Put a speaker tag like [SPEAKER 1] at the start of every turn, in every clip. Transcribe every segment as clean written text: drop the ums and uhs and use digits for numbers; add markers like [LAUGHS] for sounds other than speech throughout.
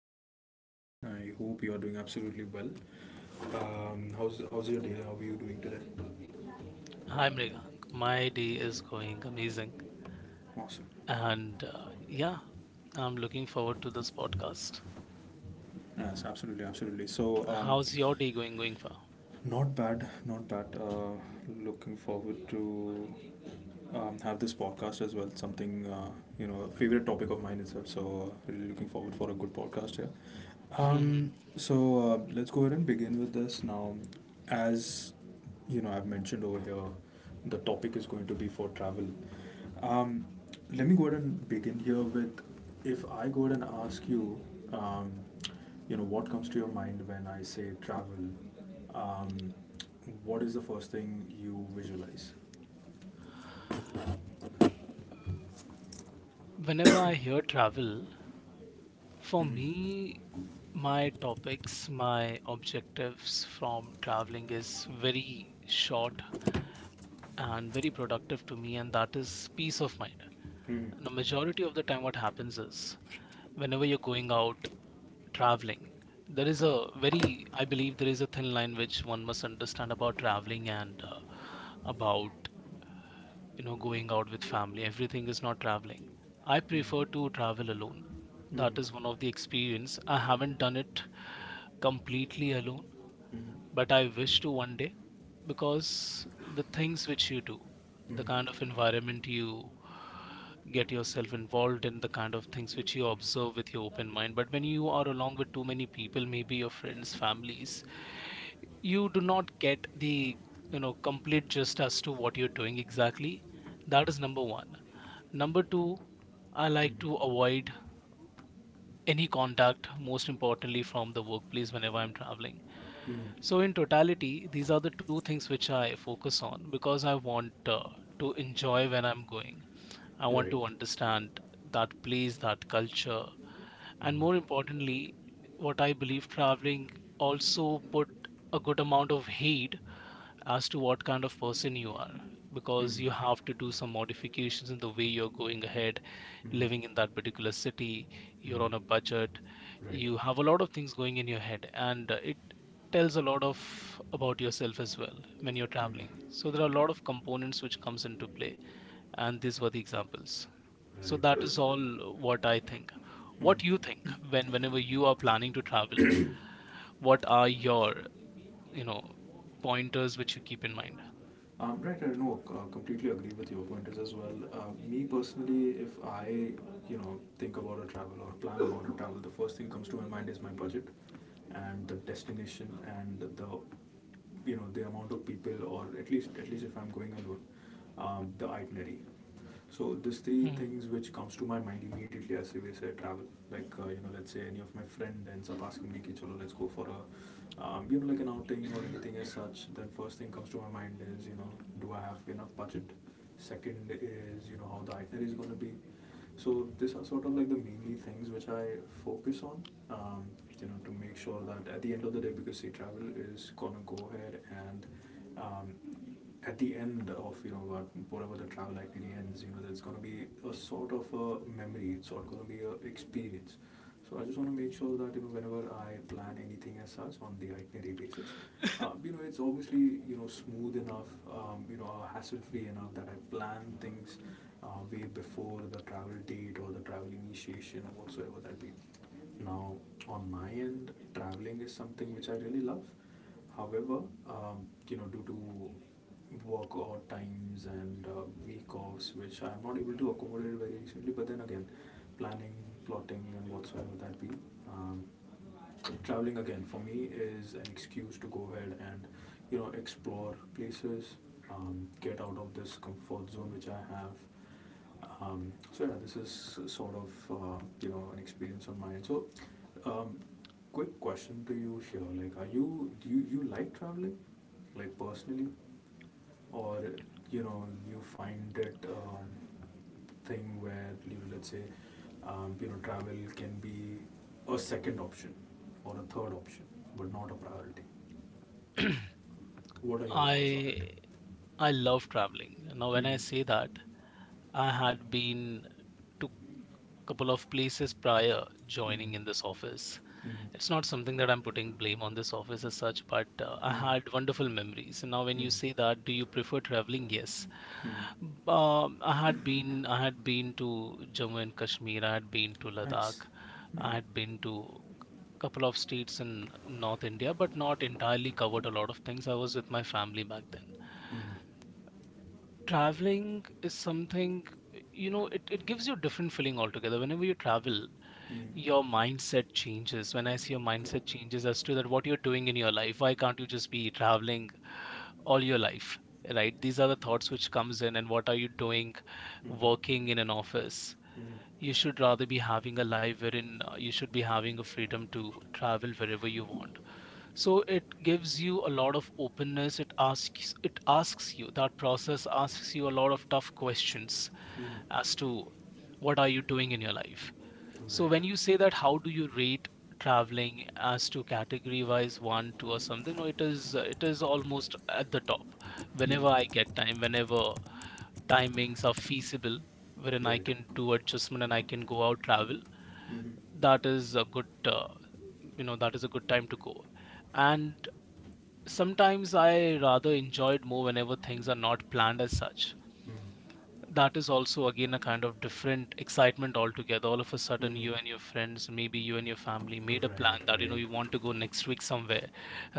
[SPEAKER 1] hello Tanvir. I hope you are doing absolutely well. How's your day? How are you doing today?
[SPEAKER 2] Hi, Mrigank. My day is going amazing.
[SPEAKER 1] Awesome.
[SPEAKER 2] And yeah, I'm looking forward to this podcast.
[SPEAKER 1] Yes, absolutely, absolutely. So, um,
[SPEAKER 2] How's your day going far?
[SPEAKER 1] not bad, not bad. Looking forward to have this podcast as well. Something a favorite topic of mine itself. So really looking forward for a good podcast here.
[SPEAKER 2] Mm-hmm.
[SPEAKER 1] So let's go ahead and begin with this now. As you know, I've mentioned over here, the topic is going to be for travel. Um, Let me go ahead and begin here with if I go ahead and ask you, um, what comes to your mind when I say travel? Um, what is the first thing you visualize?
[SPEAKER 2] Whenever I hear travel, for
[SPEAKER 1] Mm-hmm.
[SPEAKER 2] me, my topics, my objectives from traveling is very short and very productive to me, and that is peace of mind. And a majority of the time, what happens is whenever you're going out traveling, there is a very, I believe there is a thin line which one must understand about traveling and, about, going out with family. Everything is not traveling. I prefer to travel alone. That is one of the experience. I haven't done it completely alone, but I wish to one day, because the things which you do, the kind of environment you get yourself involved in, the kind of things which you observe with your open mind. But when you are along with too many people, maybe your friends, families, you do not get the, complete gist as to what you're doing exactly. That is number one. Number two, I like to avoid any contact, most importantly from the workplace whenever I'm traveling. So, in totality, these are the two things which I focus on because I want, to enjoy when I'm going. I want
[SPEAKER 1] Right,
[SPEAKER 2] to understand that place, that culture, and more importantly, what I believe traveling also put a good amount of heed as to what kind of person you are, because you have to do some modifications in the way you're going ahead, living in that particular city. You're on a budget,
[SPEAKER 1] right,
[SPEAKER 2] you have a lot of things going in your head, and it tells a lot of about yourself as well when you're traveling. So there are a lot of components which comes into play, and these were the examples.
[SPEAKER 1] right,
[SPEAKER 2] So that
[SPEAKER 1] right,
[SPEAKER 2] is
[SPEAKER 1] right.
[SPEAKER 2] all what I think. What do you think whenever you are planning to travel? What are your, you know pointers which you keep in mind?
[SPEAKER 1] Right, I know, completely agree with your point as well. Me personally, if I, think about a travel or plan about a travel, the first thing comes to my mind is my budget and the destination and the amount of people or at least if I'm going alone, the itinerary. So these three things which comes to my mind immediately as we say travel. Like let's say any of my friend ends up asking me, "Ki "Chalo, let's go for a, like an outing or anything as such." Then first thing comes to my mind is, do I have enough budget? Second is, how the itinerary is going to be. So these are sort of like the mainly things which I focus on. Um, to make sure that at the end of the day, because see, travel is gonna go ahead and um, um, at the end of you know what whatever the travel itinerary ends, there's going to be a sort of a memory. It's all going to be a experience. So I just want to make sure that you know whenever I plan anything as such on the itinerary basis, you know it's obviously you know smooth enough, you know hassle free enough that I plan things way before the travel date or the travel initiation or whatsoever that be. Now on my end, traveling is something which I really love. However, due to work or times and week offs, which I'm not able to accommodate very recently, but then again, planning, plotting, and whatsoever that be, um, traveling again for me is an excuse to go ahead and, explore places, get out of this comfort zone which I have. So yeah, this is sort of you know an experience on my end. So, um, quick question to you here: like, are you do you, you like traveling? Like personally, or you know you find that thing where let's say you know travel can be a second option or a third option, but not a priority.
[SPEAKER 2] Hmm.
[SPEAKER 1] What are
[SPEAKER 2] [CLEARS THROAT]
[SPEAKER 1] your thoughts on it?
[SPEAKER 2] I I love traveling. Now, when I
[SPEAKER 1] Mm-hmm.
[SPEAKER 2] say that, I had been to couple of places prior
[SPEAKER 1] Mm-hmm.
[SPEAKER 2] joining in this office.
[SPEAKER 1] Mm-hmm.
[SPEAKER 2] It's not something that I'm putting blame on this office as such, but I had wonderful memories. And now, when you say
[SPEAKER 1] Mm-hmm.
[SPEAKER 2] that, do you prefer traveling? Yes.
[SPEAKER 1] Mm-hmm.
[SPEAKER 2] I had been to Jammu and Kashmir. I had been to
[SPEAKER 1] Nice.
[SPEAKER 2] Ladakh.
[SPEAKER 1] Mm-hmm.
[SPEAKER 2] I had been to couple of states in North India, but not entirely covered a lot of things. I was with my family back then.
[SPEAKER 1] Mm-hmm.
[SPEAKER 2] Traveling is something, it gives you a different feeling altogether whenever you travel.
[SPEAKER 1] Mm-hmm.
[SPEAKER 2] Your mindset changes. When I see, your mindset
[SPEAKER 1] Correct.
[SPEAKER 2] changes as to that what you're doing in your life. Why can't you just be traveling all your life? Right, these are the thoughts which comes in. And what are you doing,
[SPEAKER 1] Mm-hmm.
[SPEAKER 2] working in an office?
[SPEAKER 1] Mm-hmm.
[SPEAKER 2] You should rather be having a life wherein you should be having a freedom to travel wherever you want. So it gives you a lot of openness. It asks you, that process asks you a lot of tough questions
[SPEAKER 1] Mm-hmm.
[SPEAKER 2] as to what are you doing in your life. So when
[SPEAKER 1] Right.
[SPEAKER 2] you say that, how do you rate traveling as to category wise one, two, or something? No, it is almost at the top. Whenever I get
[SPEAKER 1] Mm-hmm.
[SPEAKER 2] time, whenever timings are feasible, wherein I
[SPEAKER 1] Right.
[SPEAKER 2] can do adjustment and I can go out travel,
[SPEAKER 1] Mm-hmm.
[SPEAKER 2] that is a good you know that is a good time to go. And sometimes I rather enjoy it more whenever things are not planned as such. That is also again a kind of different excitement altogether. All of a sudden,
[SPEAKER 1] Mm-hmm.
[SPEAKER 2] you and your friends, maybe you and your family, made
[SPEAKER 1] Mm-hmm.
[SPEAKER 2] a plan
[SPEAKER 1] Right.
[SPEAKER 2] that
[SPEAKER 1] Right.
[SPEAKER 2] you want to go next week somewhere,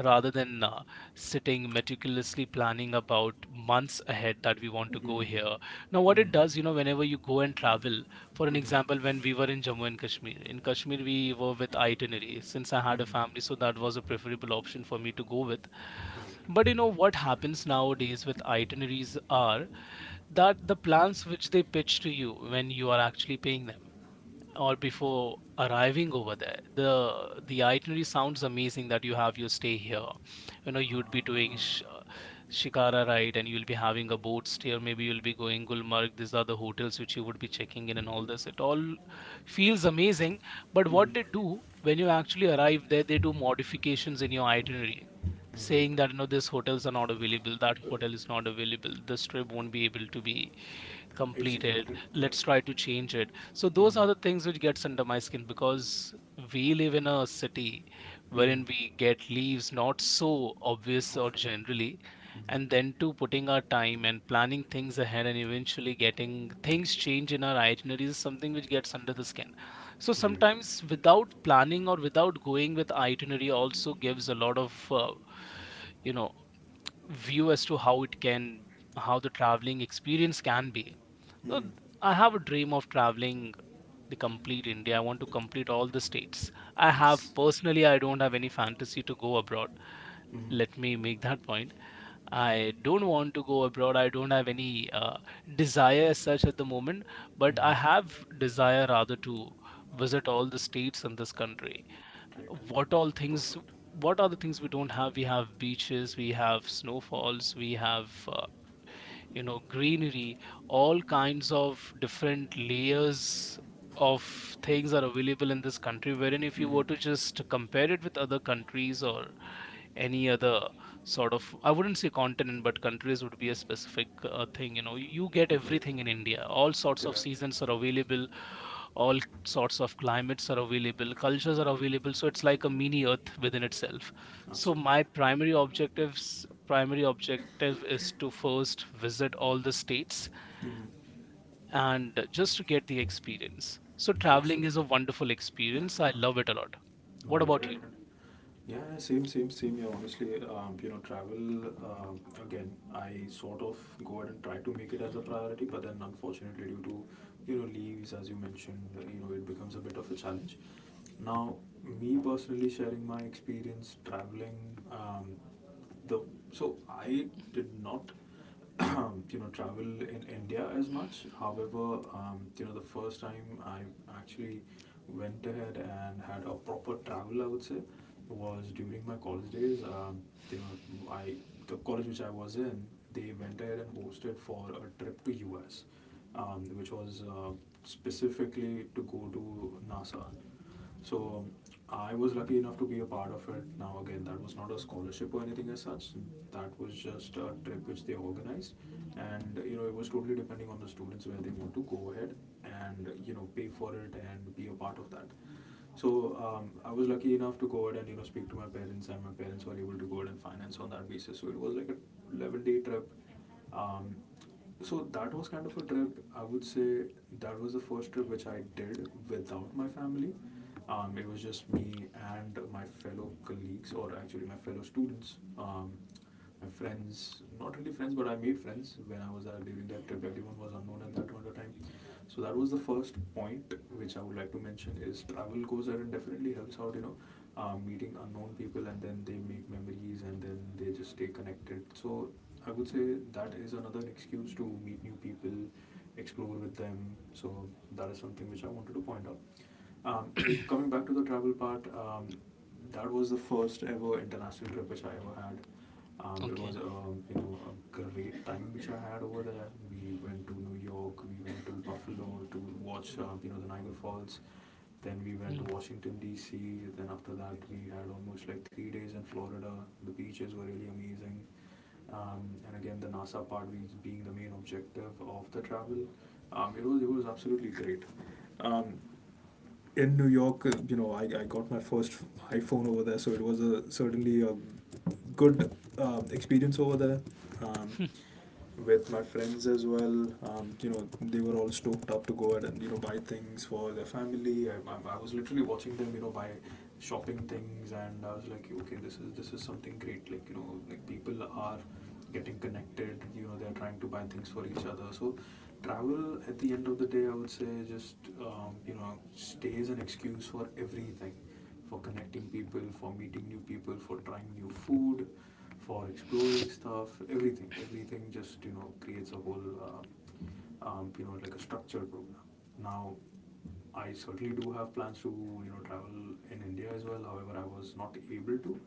[SPEAKER 2] rather than sitting meticulously planning about months ahead that we want to go
[SPEAKER 1] Hmm.
[SPEAKER 2] here. Now, what
[SPEAKER 1] Hmm.
[SPEAKER 2] it does, whenever you go and travel, for an
[SPEAKER 1] Hmm.
[SPEAKER 2] example, when we were in Jammu and Kashmir, in Kashmir, we were with itinerary since I had a family, so that was a preferable option for me to go with. But
[SPEAKER 1] Right.
[SPEAKER 2] you know what happens nowadays with itineraries are that the plans which they pitch to you when you are actually paying them, or before arriving over there, the itinerary sounds amazing, that you have your stay here, you'd be doing
[SPEAKER 1] Ah.
[SPEAKER 2] shikara ride, and you'll be having a boat stay, or maybe you'll be going Gulmarg. These are the hotels which you would be checking in, and all this it all feels amazing. But what they
[SPEAKER 1] Mhm.
[SPEAKER 2] do when you actually arrive there, they do modifications in your itinerary,
[SPEAKER 1] Right.
[SPEAKER 2] saying that these hotels are not available, that hotel is not available, this trip won't be able to be complete it.
[SPEAKER 1] Executed threat.
[SPEAKER 2] Let's try to change it. So those
[SPEAKER 1] Mm-hmm.
[SPEAKER 2] are the things which gets under my skin, because we live in a city
[SPEAKER 1] Mm-hmm.
[SPEAKER 2] wherein we get leaves not so obvious or
[SPEAKER 1] Often.
[SPEAKER 2] generally,
[SPEAKER 1] Mm-hmm.
[SPEAKER 2] and then to putting our time and planning things ahead and eventually getting things change in our itineraries is something which gets under the skin. So
[SPEAKER 1] Right.
[SPEAKER 2] sometimes without planning or without going with itinerary also gives a lot of, you know view as to how it can, how the traveling experience can be. So
[SPEAKER 1] Mm-hmm.
[SPEAKER 2] I have a dream of traveling the complete India. I want to complete all the states. I have
[SPEAKER 1] Nice.
[SPEAKER 2] personally, I don't have any fantasy to go abroad.
[SPEAKER 1] Mm-hmm.
[SPEAKER 2] Let me make that point. I don't want to go abroad. I don't have any desire as such at the moment, but I
[SPEAKER 1] Mm-hmm.
[SPEAKER 2] have desire rather to visit all the states in this country.
[SPEAKER 1] Right.
[SPEAKER 2] What all things?
[SPEAKER 1] Perfect.
[SPEAKER 2] What are the things we don't have? We have beaches, we have snowfalls, we have, greenery, all kinds of different layers of things are available in this country, wherein if you
[SPEAKER 1] Mm-hmm.
[SPEAKER 2] were to just compare it with other countries or any other sort of, I wouldn't say continent but countries would be a specific thing. You get
[SPEAKER 1] Right.
[SPEAKER 2] everything in India. All sorts of
[SPEAKER 1] Correct.
[SPEAKER 2] seasons are available, all sorts of climates are available, cultures are available, so it's like a mini earth within itself. So
[SPEAKER 1] Absolutely.
[SPEAKER 2] my primary objective is to first visit all the states
[SPEAKER 1] Mm-hmm.
[SPEAKER 2] and just to get the experience. So traveling
[SPEAKER 1] Awesome.
[SPEAKER 2] is a wonderful experience, I love it a lot. What
[SPEAKER 1] Right,
[SPEAKER 2] about
[SPEAKER 1] right,
[SPEAKER 2] you?
[SPEAKER 1] right. Yeah, yeah, same, same, same. Yeah, honestly, travel, again, I sort of go ahead and try to make it as a priority, but then unfortunately, due to, leaves, as you mentioned, it becomes a bit of a challenge. Now, me personally sharing my experience traveling, the so I did not [CLEARS THROAT] you know travel in India as much. However, you know the first time I actually went ahead and had a proper travel, I would say, was during my college days. You know, I the college which I was in, they went ahead and hosted for a trip to US, which was specifically to go to NASA. So I was lucky enough to be a part of it. Now again, that was not a scholarship or anything as such. That was just a trip which they organized, and you know it was totally depending on the students where they want to go ahead and you know pay for it and be a part of that. So I was lucky enough to go ahead and you know speak to my parents, and my parents were able to go ahead and finance on that basis. So it was like a 11-day trip. Um, so that was kind of a trip I would say. That was the first trip which I did without my family. It was just me and my fellow colleagues, or actually my fellow students. My friends, not really friends, but I made friends when I was there during that trip. Everyone was unknown at that point of time. So that was the first point which I would like to mention is travel goes ahead and definitely helps out you know meeting unknown people, and then they make memories and then they just stay connected. So I would say that is another excuse to meet new people, explore with them. So that is something which I wanted to point out. Um, Coming back to the travel part, that was the first ever international trip which I ever had. It
[SPEAKER 2] Okay.
[SPEAKER 1] was a you know a great time which I had over there. We went to New York, we went to Buffalo to watch you know the Niagara Falls. Then we went
[SPEAKER 2] Hmm.
[SPEAKER 1] to
[SPEAKER 2] [LAUGHS]
[SPEAKER 1] Washington D.C. Then after that, we had almost like 3 days in Florida. The beaches were really amazing. And again, the NASA part being the main objective of the travel, it was absolutely great. Um, in New York, I got my first iPhone over there, so it was a certainly a good, experience over there. Um, with my friends as well. They were all stoked up to go out and you know buy things for their family. I was literally watching them, buy shopping things, and I was like, okay, this is something great. Like, like people are getting connected. They're trying to buy things for each other. So travel at the end of the day, I would say just you know stays an excuse for everything, for connecting people, for meeting new people, for trying new food, for exploring stuff. Everything, everything just you know creates a whole, you know like a structured program. Now, I certainly do have plans to you know travel in India as well. However, I was not able to.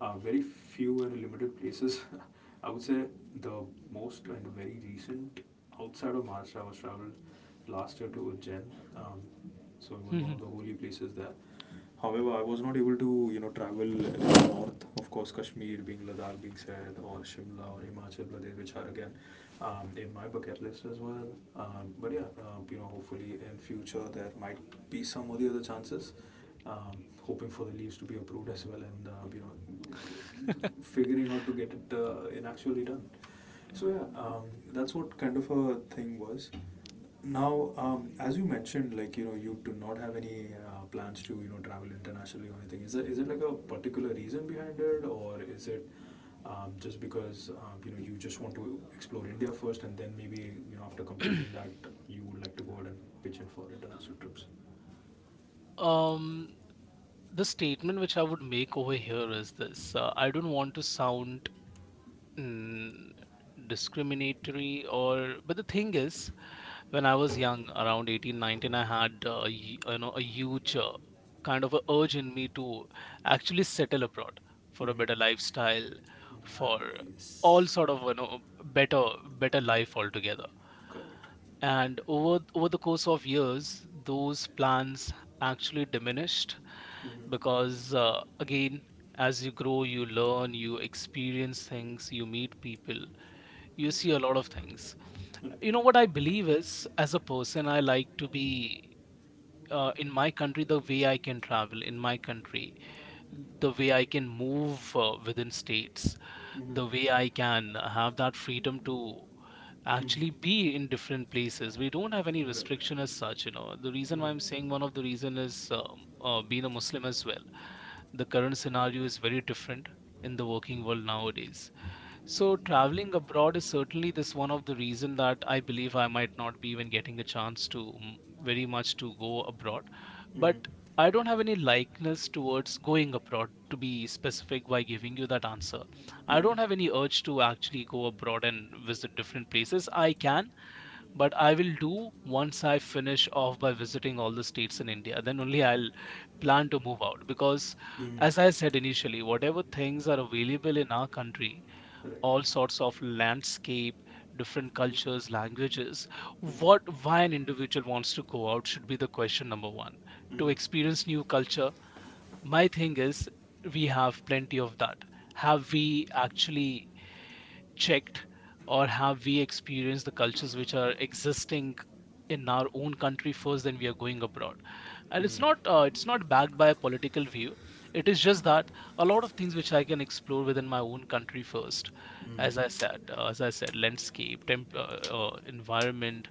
[SPEAKER 1] Very few and limited places. [LAUGHS] I would say the most and very recent outside of Maharashtra I was traveled last year to Ujjain. Um, so it was one
[SPEAKER 2] Mhm.
[SPEAKER 1] of the holy places there. However, I was not able to, travel north. Of course, Kashmir being, Ladakh being said, or Shimla or Himachal Pradesh, which are again, in my bucket list as well. But yeah, hopefully in future there might be some of the other chances. Hoping for the leaves to be approved as well, and figuring out to get it in actually done. So yeah, that's what kind of a thing was. Now, as you mentioned, like you do not have any plans to you know travel internationally or anything. Is it like a particular reason behind it, or is it just because you know you just want to explore India first, and then maybe you know after completing that you would like to go out and pitch in for international trips?
[SPEAKER 2] um the statement which I would make over here is this: I don't want to sound, mm, discriminatory or, but the thing is, when I was young, around 18, 19, I had a huge, kind of a urge in me to actually settle abroad for a
[SPEAKER 1] Mm-hmm.
[SPEAKER 2] better lifestyle, for all
[SPEAKER 1] Nice.
[SPEAKER 2] sort of, better better life altogether.
[SPEAKER 1] Correct.
[SPEAKER 2] And over the course of years, those plans actually diminished
[SPEAKER 1] Mm-hmm.
[SPEAKER 2] because, again, as you grow, you learn, you experience things, you meet people, you see a lot of things. You know what I believe is, as a person I like to be, in my country, the way I can travel in my country, the way I can move, within states, the way
[SPEAKER 1] Mm-hmm.
[SPEAKER 2] I can have that freedom to
[SPEAKER 1] Mm-hmm.
[SPEAKER 2] actually be in different places. We don't have any
[SPEAKER 1] Right.
[SPEAKER 2] restriction as such. You know, the reason why I'm saying, one of the reason is, being a Muslim as well, the current scenario is very different in the working world nowadays. So traveling abroad is certainly this one of the reason that I believe I might not be even getting a chance to, very much to go abroad.
[SPEAKER 1] Mm-hmm.
[SPEAKER 2] But
[SPEAKER 1] Mm-hmm.
[SPEAKER 2] I don't have any likeness towards going abroad, to be specific, by giving you that answer. I
[SPEAKER 1] Mm-hmm.
[SPEAKER 2] don't have any urge to actually go abroad and visit different places. I can, but I will do once I finish off by visiting all the states in India. Then only I'll plan to move out, because
[SPEAKER 1] Mm-hmm.
[SPEAKER 2] as I said initially, whatever things are available in our country,
[SPEAKER 1] Right.
[SPEAKER 2] all sorts of landscape, different cultures, languages.
[SPEAKER 1] Mm-hmm.
[SPEAKER 2] What, why an individual wants to go out should be the question number one.
[SPEAKER 1] Mm-hmm.
[SPEAKER 2] To
[SPEAKER 1] Mm-hmm.
[SPEAKER 2] experience new culture, my thing is we have plenty of that. Have we actually checked, or have we experienced the cultures which are existing in our own country first, then we are going abroad? And
[SPEAKER 1] Mm-hmm.
[SPEAKER 2] it's not backed by a political view. It is just that a lot of things which I can explore within my own country first. As I said, landscape, environment.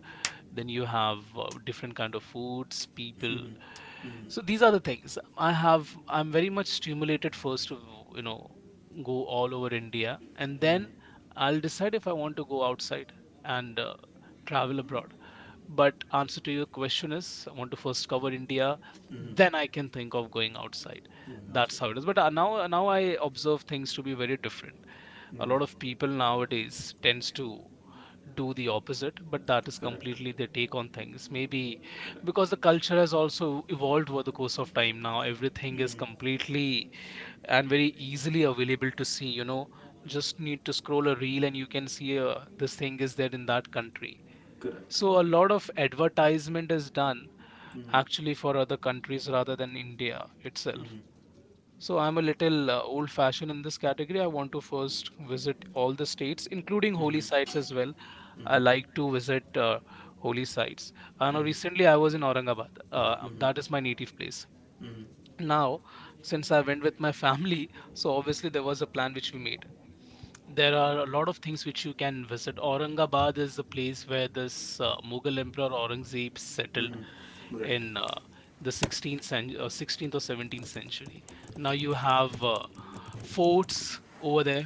[SPEAKER 2] Then you have different kind of foods, people.
[SPEAKER 1] Mm-hmm.
[SPEAKER 2] So these are the things I have, I'm very much stimulated first to you know go all over India and
[SPEAKER 1] Mm-hmm.
[SPEAKER 2] then I'll decide if I want to go outside and travel abroad. But answer to your question is, I want to first cover India,
[SPEAKER 1] Mm-hmm.
[SPEAKER 2] then I can think of going outside.
[SPEAKER 1] Moving on,
[SPEAKER 2] That's
[SPEAKER 1] sir.
[SPEAKER 2] how it is. But now I observe things to be very different. A lot of
[SPEAKER 1] Mm-hmm.
[SPEAKER 2] people nowadays tends to do the opposite, but that is
[SPEAKER 1] Correct.
[SPEAKER 2] completely their take on things. Maybe
[SPEAKER 1] Correct.
[SPEAKER 2] because the culture has also evolved over the course of time. Now everything is
[SPEAKER 1] Mm-hmm.
[SPEAKER 2] completely and very easily available to see. You know, just need to scroll a reel and you can see this thing is there in that country.
[SPEAKER 1] Correct.
[SPEAKER 2] So a lot of advertisement is done
[SPEAKER 1] Mm-hmm.
[SPEAKER 2] actually for other countries rather than India itself.
[SPEAKER 1] Mm-hmm.
[SPEAKER 2] So I'm a little old fashioned in this category. I want to first visit all the states, including holy sites as
[SPEAKER 1] Mm-hmm.
[SPEAKER 2] well. I like
[SPEAKER 1] Mm-hmm.
[SPEAKER 2] to visit holy sites. I know
[SPEAKER 1] Mm-hmm.
[SPEAKER 2] recently I was in Aurangabad.
[SPEAKER 1] Mm-hmm.
[SPEAKER 2] That is my native place.
[SPEAKER 1] Mm-hmm.
[SPEAKER 2] Now, since I went with my family, [LAUGHS] so obviously there was a plan which we made. There are a lot of things which you can visit. Aurangabad is the place where this Mughal Emperor Aurangzeb settled
[SPEAKER 1] Mm-hmm. Right.
[SPEAKER 2] in the 16th or 17th century. Now you have forts over there,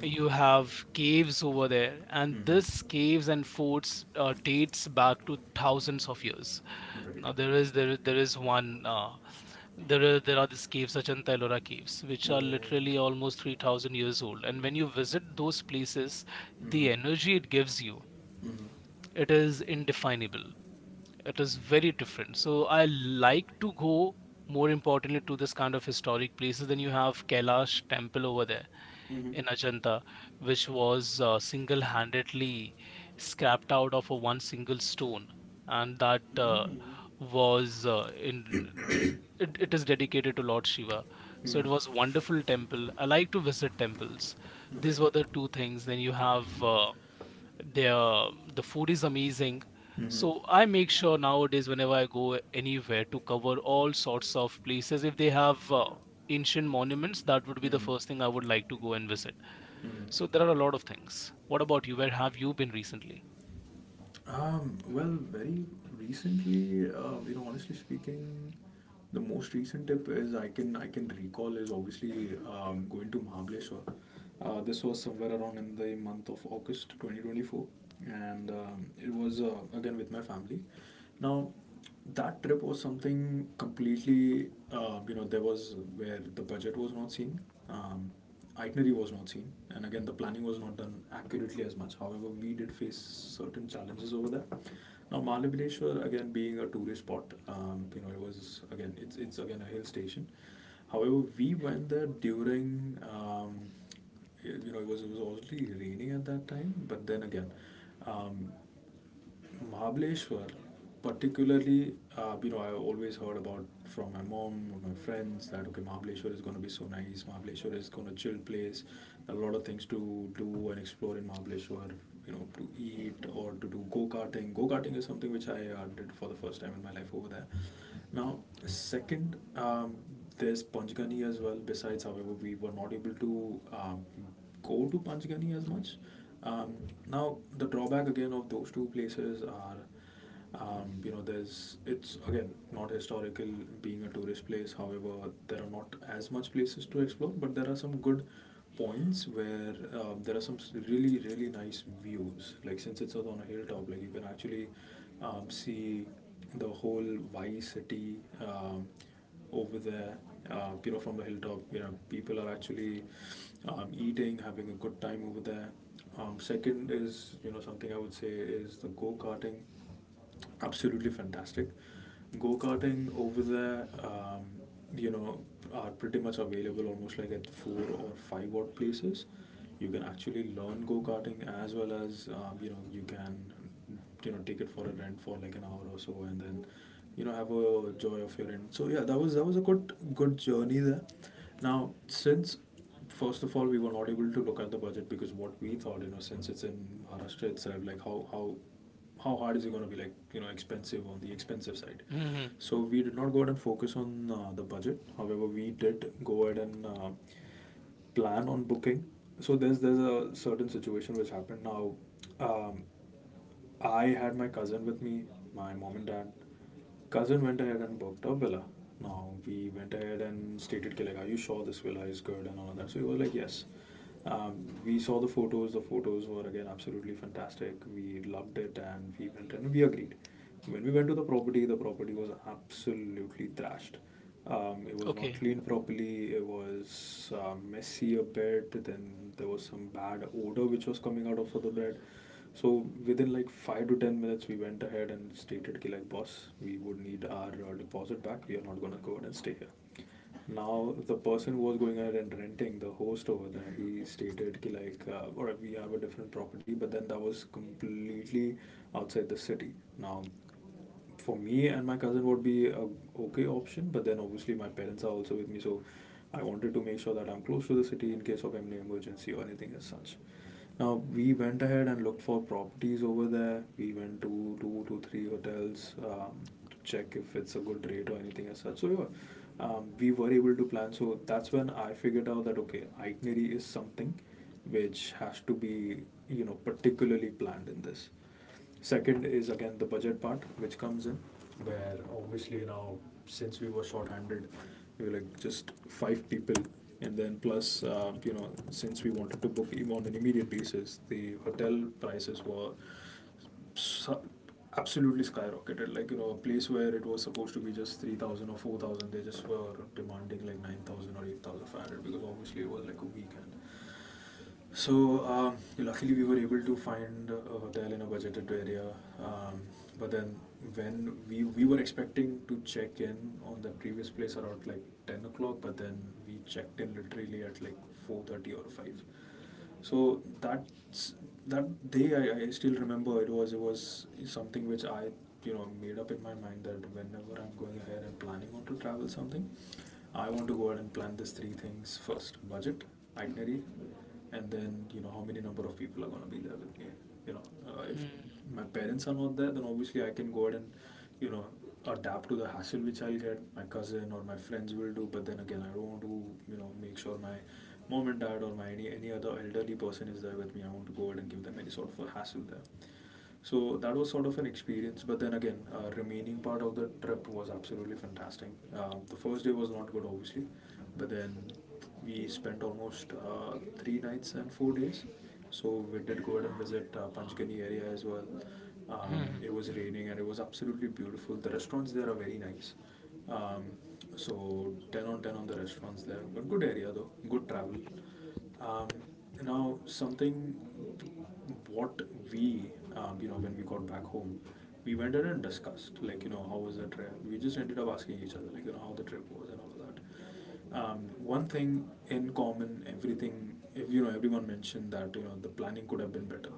[SPEAKER 2] you have caves over there, and
[SPEAKER 1] Mm-hmm.
[SPEAKER 2] this caves and forts dates back to thousands of years.
[SPEAKER 1] Right.
[SPEAKER 2] Now there is one there are these caves, Ajanta Ellora caves, which are
[SPEAKER 1] Oh yeah.
[SPEAKER 2] literally almost 3,000 years old, and when you visit those places,
[SPEAKER 1] Mm-hmm.
[SPEAKER 2] the energy it gives you,
[SPEAKER 1] Mm-hmm.
[SPEAKER 2] it is indefinable, it is very different. So I like to go more importantly to this kind of historic places. Then you have Kailash temple over there
[SPEAKER 1] Mm-hmm.
[SPEAKER 2] in Ajanta, which was single-handedly scrapped out of a one single stone, and that
[SPEAKER 1] Mm-hmm.
[SPEAKER 2] was in it is dedicated to Lord Shiva. So it was
[SPEAKER 1] Mm-hmm.
[SPEAKER 2] wonderful temple. I like to visit temples. These
[SPEAKER 1] Right.
[SPEAKER 2] were the two things. Then you have their the food is amazing.
[SPEAKER 1] Mm-hmm.
[SPEAKER 2] So I make sure nowadays whenever I go anywhere to cover all sorts of places. If they have ancient monuments, that would be the
[SPEAKER 1] Mm-hmm.
[SPEAKER 2] first thing I would like to go and visit.
[SPEAKER 1] Mm-hmm.
[SPEAKER 2] So there are a lot of things. What about you? Where have you been recently?
[SPEAKER 1] Well, very recently, honestly speaking, the most recent tip is I can recall is obviously going to Mahabaleshwar. This was somewhere around in the month of August 2024, and it was again with my family. Now, that trip was something completely there was where the budget was not seen, um, itinerary was not seen, and again the planning was not done accurately as much. However, we did face certain challenges over there. Now Mahabaleshwar, again being a tourist spot, it was again, it's again a hill station. However, we went there during, you know, it was already raining at that time, but then again, um, Mahabaleshwar, particularly, I always heard about from my mom or my friends that okay, Mahabaleshwar is going to be so nice. Mahabaleshwar is going to chill place. There are a lot of things to do and explore in Mahabaleshwar. You know, to eat or to do go karting. Go karting is something which I did for the first time in my life over there. Now, second, there's Panchgani as well. Besides, however, we were not able to, go to Panchgani as much. Um, Now, the drawback again of those two places are, there's it's again not historical, being a tourist place. However, there are not as much places to explore, but there are some good points where, there are some really nice views. Like since it's on a hilltop, like you can actually, see the whole Vice City, um, over there, you know, from the hilltop. You know, people are actually, eating, having a good time over there. Second is, you know, something I would say is the go karting. Absolutely fantastic go karting over there, you know, are pretty much available almost like at four or five odd places. You can actually learn go karting as well as, you know you can, you know, take it for a rent for like an hour or so, and then you know have a joy of your rent. So yeah, that was a good journey there. Now since first of all we were not able to look at the budget, because what we thought, you know, since it's in Maharashtra itself, like how hard is it going to be, like you know, expensive on the expensive side.
[SPEAKER 2] Hmm.
[SPEAKER 1] So we did not go ahead and focus on the budget, however we did go ahead and plan on booking. So there's a certain situation which happened now. um, I had my cousin with me, my mom and dad. Cousin went ahead and booked a villa. Now we went ahead and stated, "Ki like, are you sure this villa is good and all of that?" So he was like, "Yes." Um, we saw the photos. The photos were again absolutely fantastic. We loved it, and we went and we agreed. When we went to the property was absolutely trashed. It was not
[SPEAKER 2] Okay.
[SPEAKER 1] cleaned properly. It was messy a bit. Then there was some bad odor which was coming out of the bed. So within like 5 to 10 minutes, we went ahead and stated, "Ki like boss, we would need our deposit back. We are not gonna go ahead and stay here." Now the person who was going ahead and renting the host over there, he stated, "Ki like, all right, we have a different property," but then that was completely outside the city. Now for me and my cousin would be a okay option, but then obviously my parents are also with me, so I wanted to make sure that I'm close to the city in case of any emergency or anything as such. Now we went ahead and looked for properties over there, we went to two to three hotels, to check if it's a good rate or anything as such. So yeah, we were able to plan. So that's when I figured out that okay, itinerary is something which has to be, you know, particularly planned in this. Second is again the budget part which comes in, where obviously now, since we were short-handed, we were like just five people, and then plus, you know, since we wanted to on an immediate basis, the hotel prices were so- absolutely skyrocketed. Like you know, a place where it was supposed to be just 3,000 or 4,000, they just were demanding like 9,000 or 8,500, because obviously it was like a weekend. So, luckily we were able to find a hotel in a budgeted area. Um, but then when we were expecting to check in on the previous place around like 10 o'clock, but then we checked in literally at like 4:30 or five. So that's that day, I still remember, it was something which I, you know, made up in my mind that whenever I'm going ahead and planning on to travel something, I want to go ahead and plan these three things first: budget, itinerary, and then you know how many number of people are gonna be there with me. You know, if my parents are not there, then obviously I can go ahead and you know adapt to the hassle which I'll get my cousin or my friends will do. But then again I don't want to, you know, make sure my mom and dad or my any other elderly person is there with me, I want to go ahead and give them any sort of a hassle there. So that was sort of an experience. But then again, remaining part of the trip was absolutely fantastic. The first day was not good, obviously, but then we spent almost 3 nights and 4 days. So we did go ahead and visit Panchgani area as well.
[SPEAKER 2] Mm-hmm.
[SPEAKER 1] It was raining and it was absolutely beautiful. The restaurants there are very nice. Um, so 10 on 10 on the restaurants there. But good area though, good travel. Um, Now, something what we, you know, when we got back home, we went in and discussed, like, you know, how was the trip? We just ended up asking each other, like, you know, how the trip was and all of that. One thing in common, everything, if you know, everyone mentioned that, you know, the planning could have been better.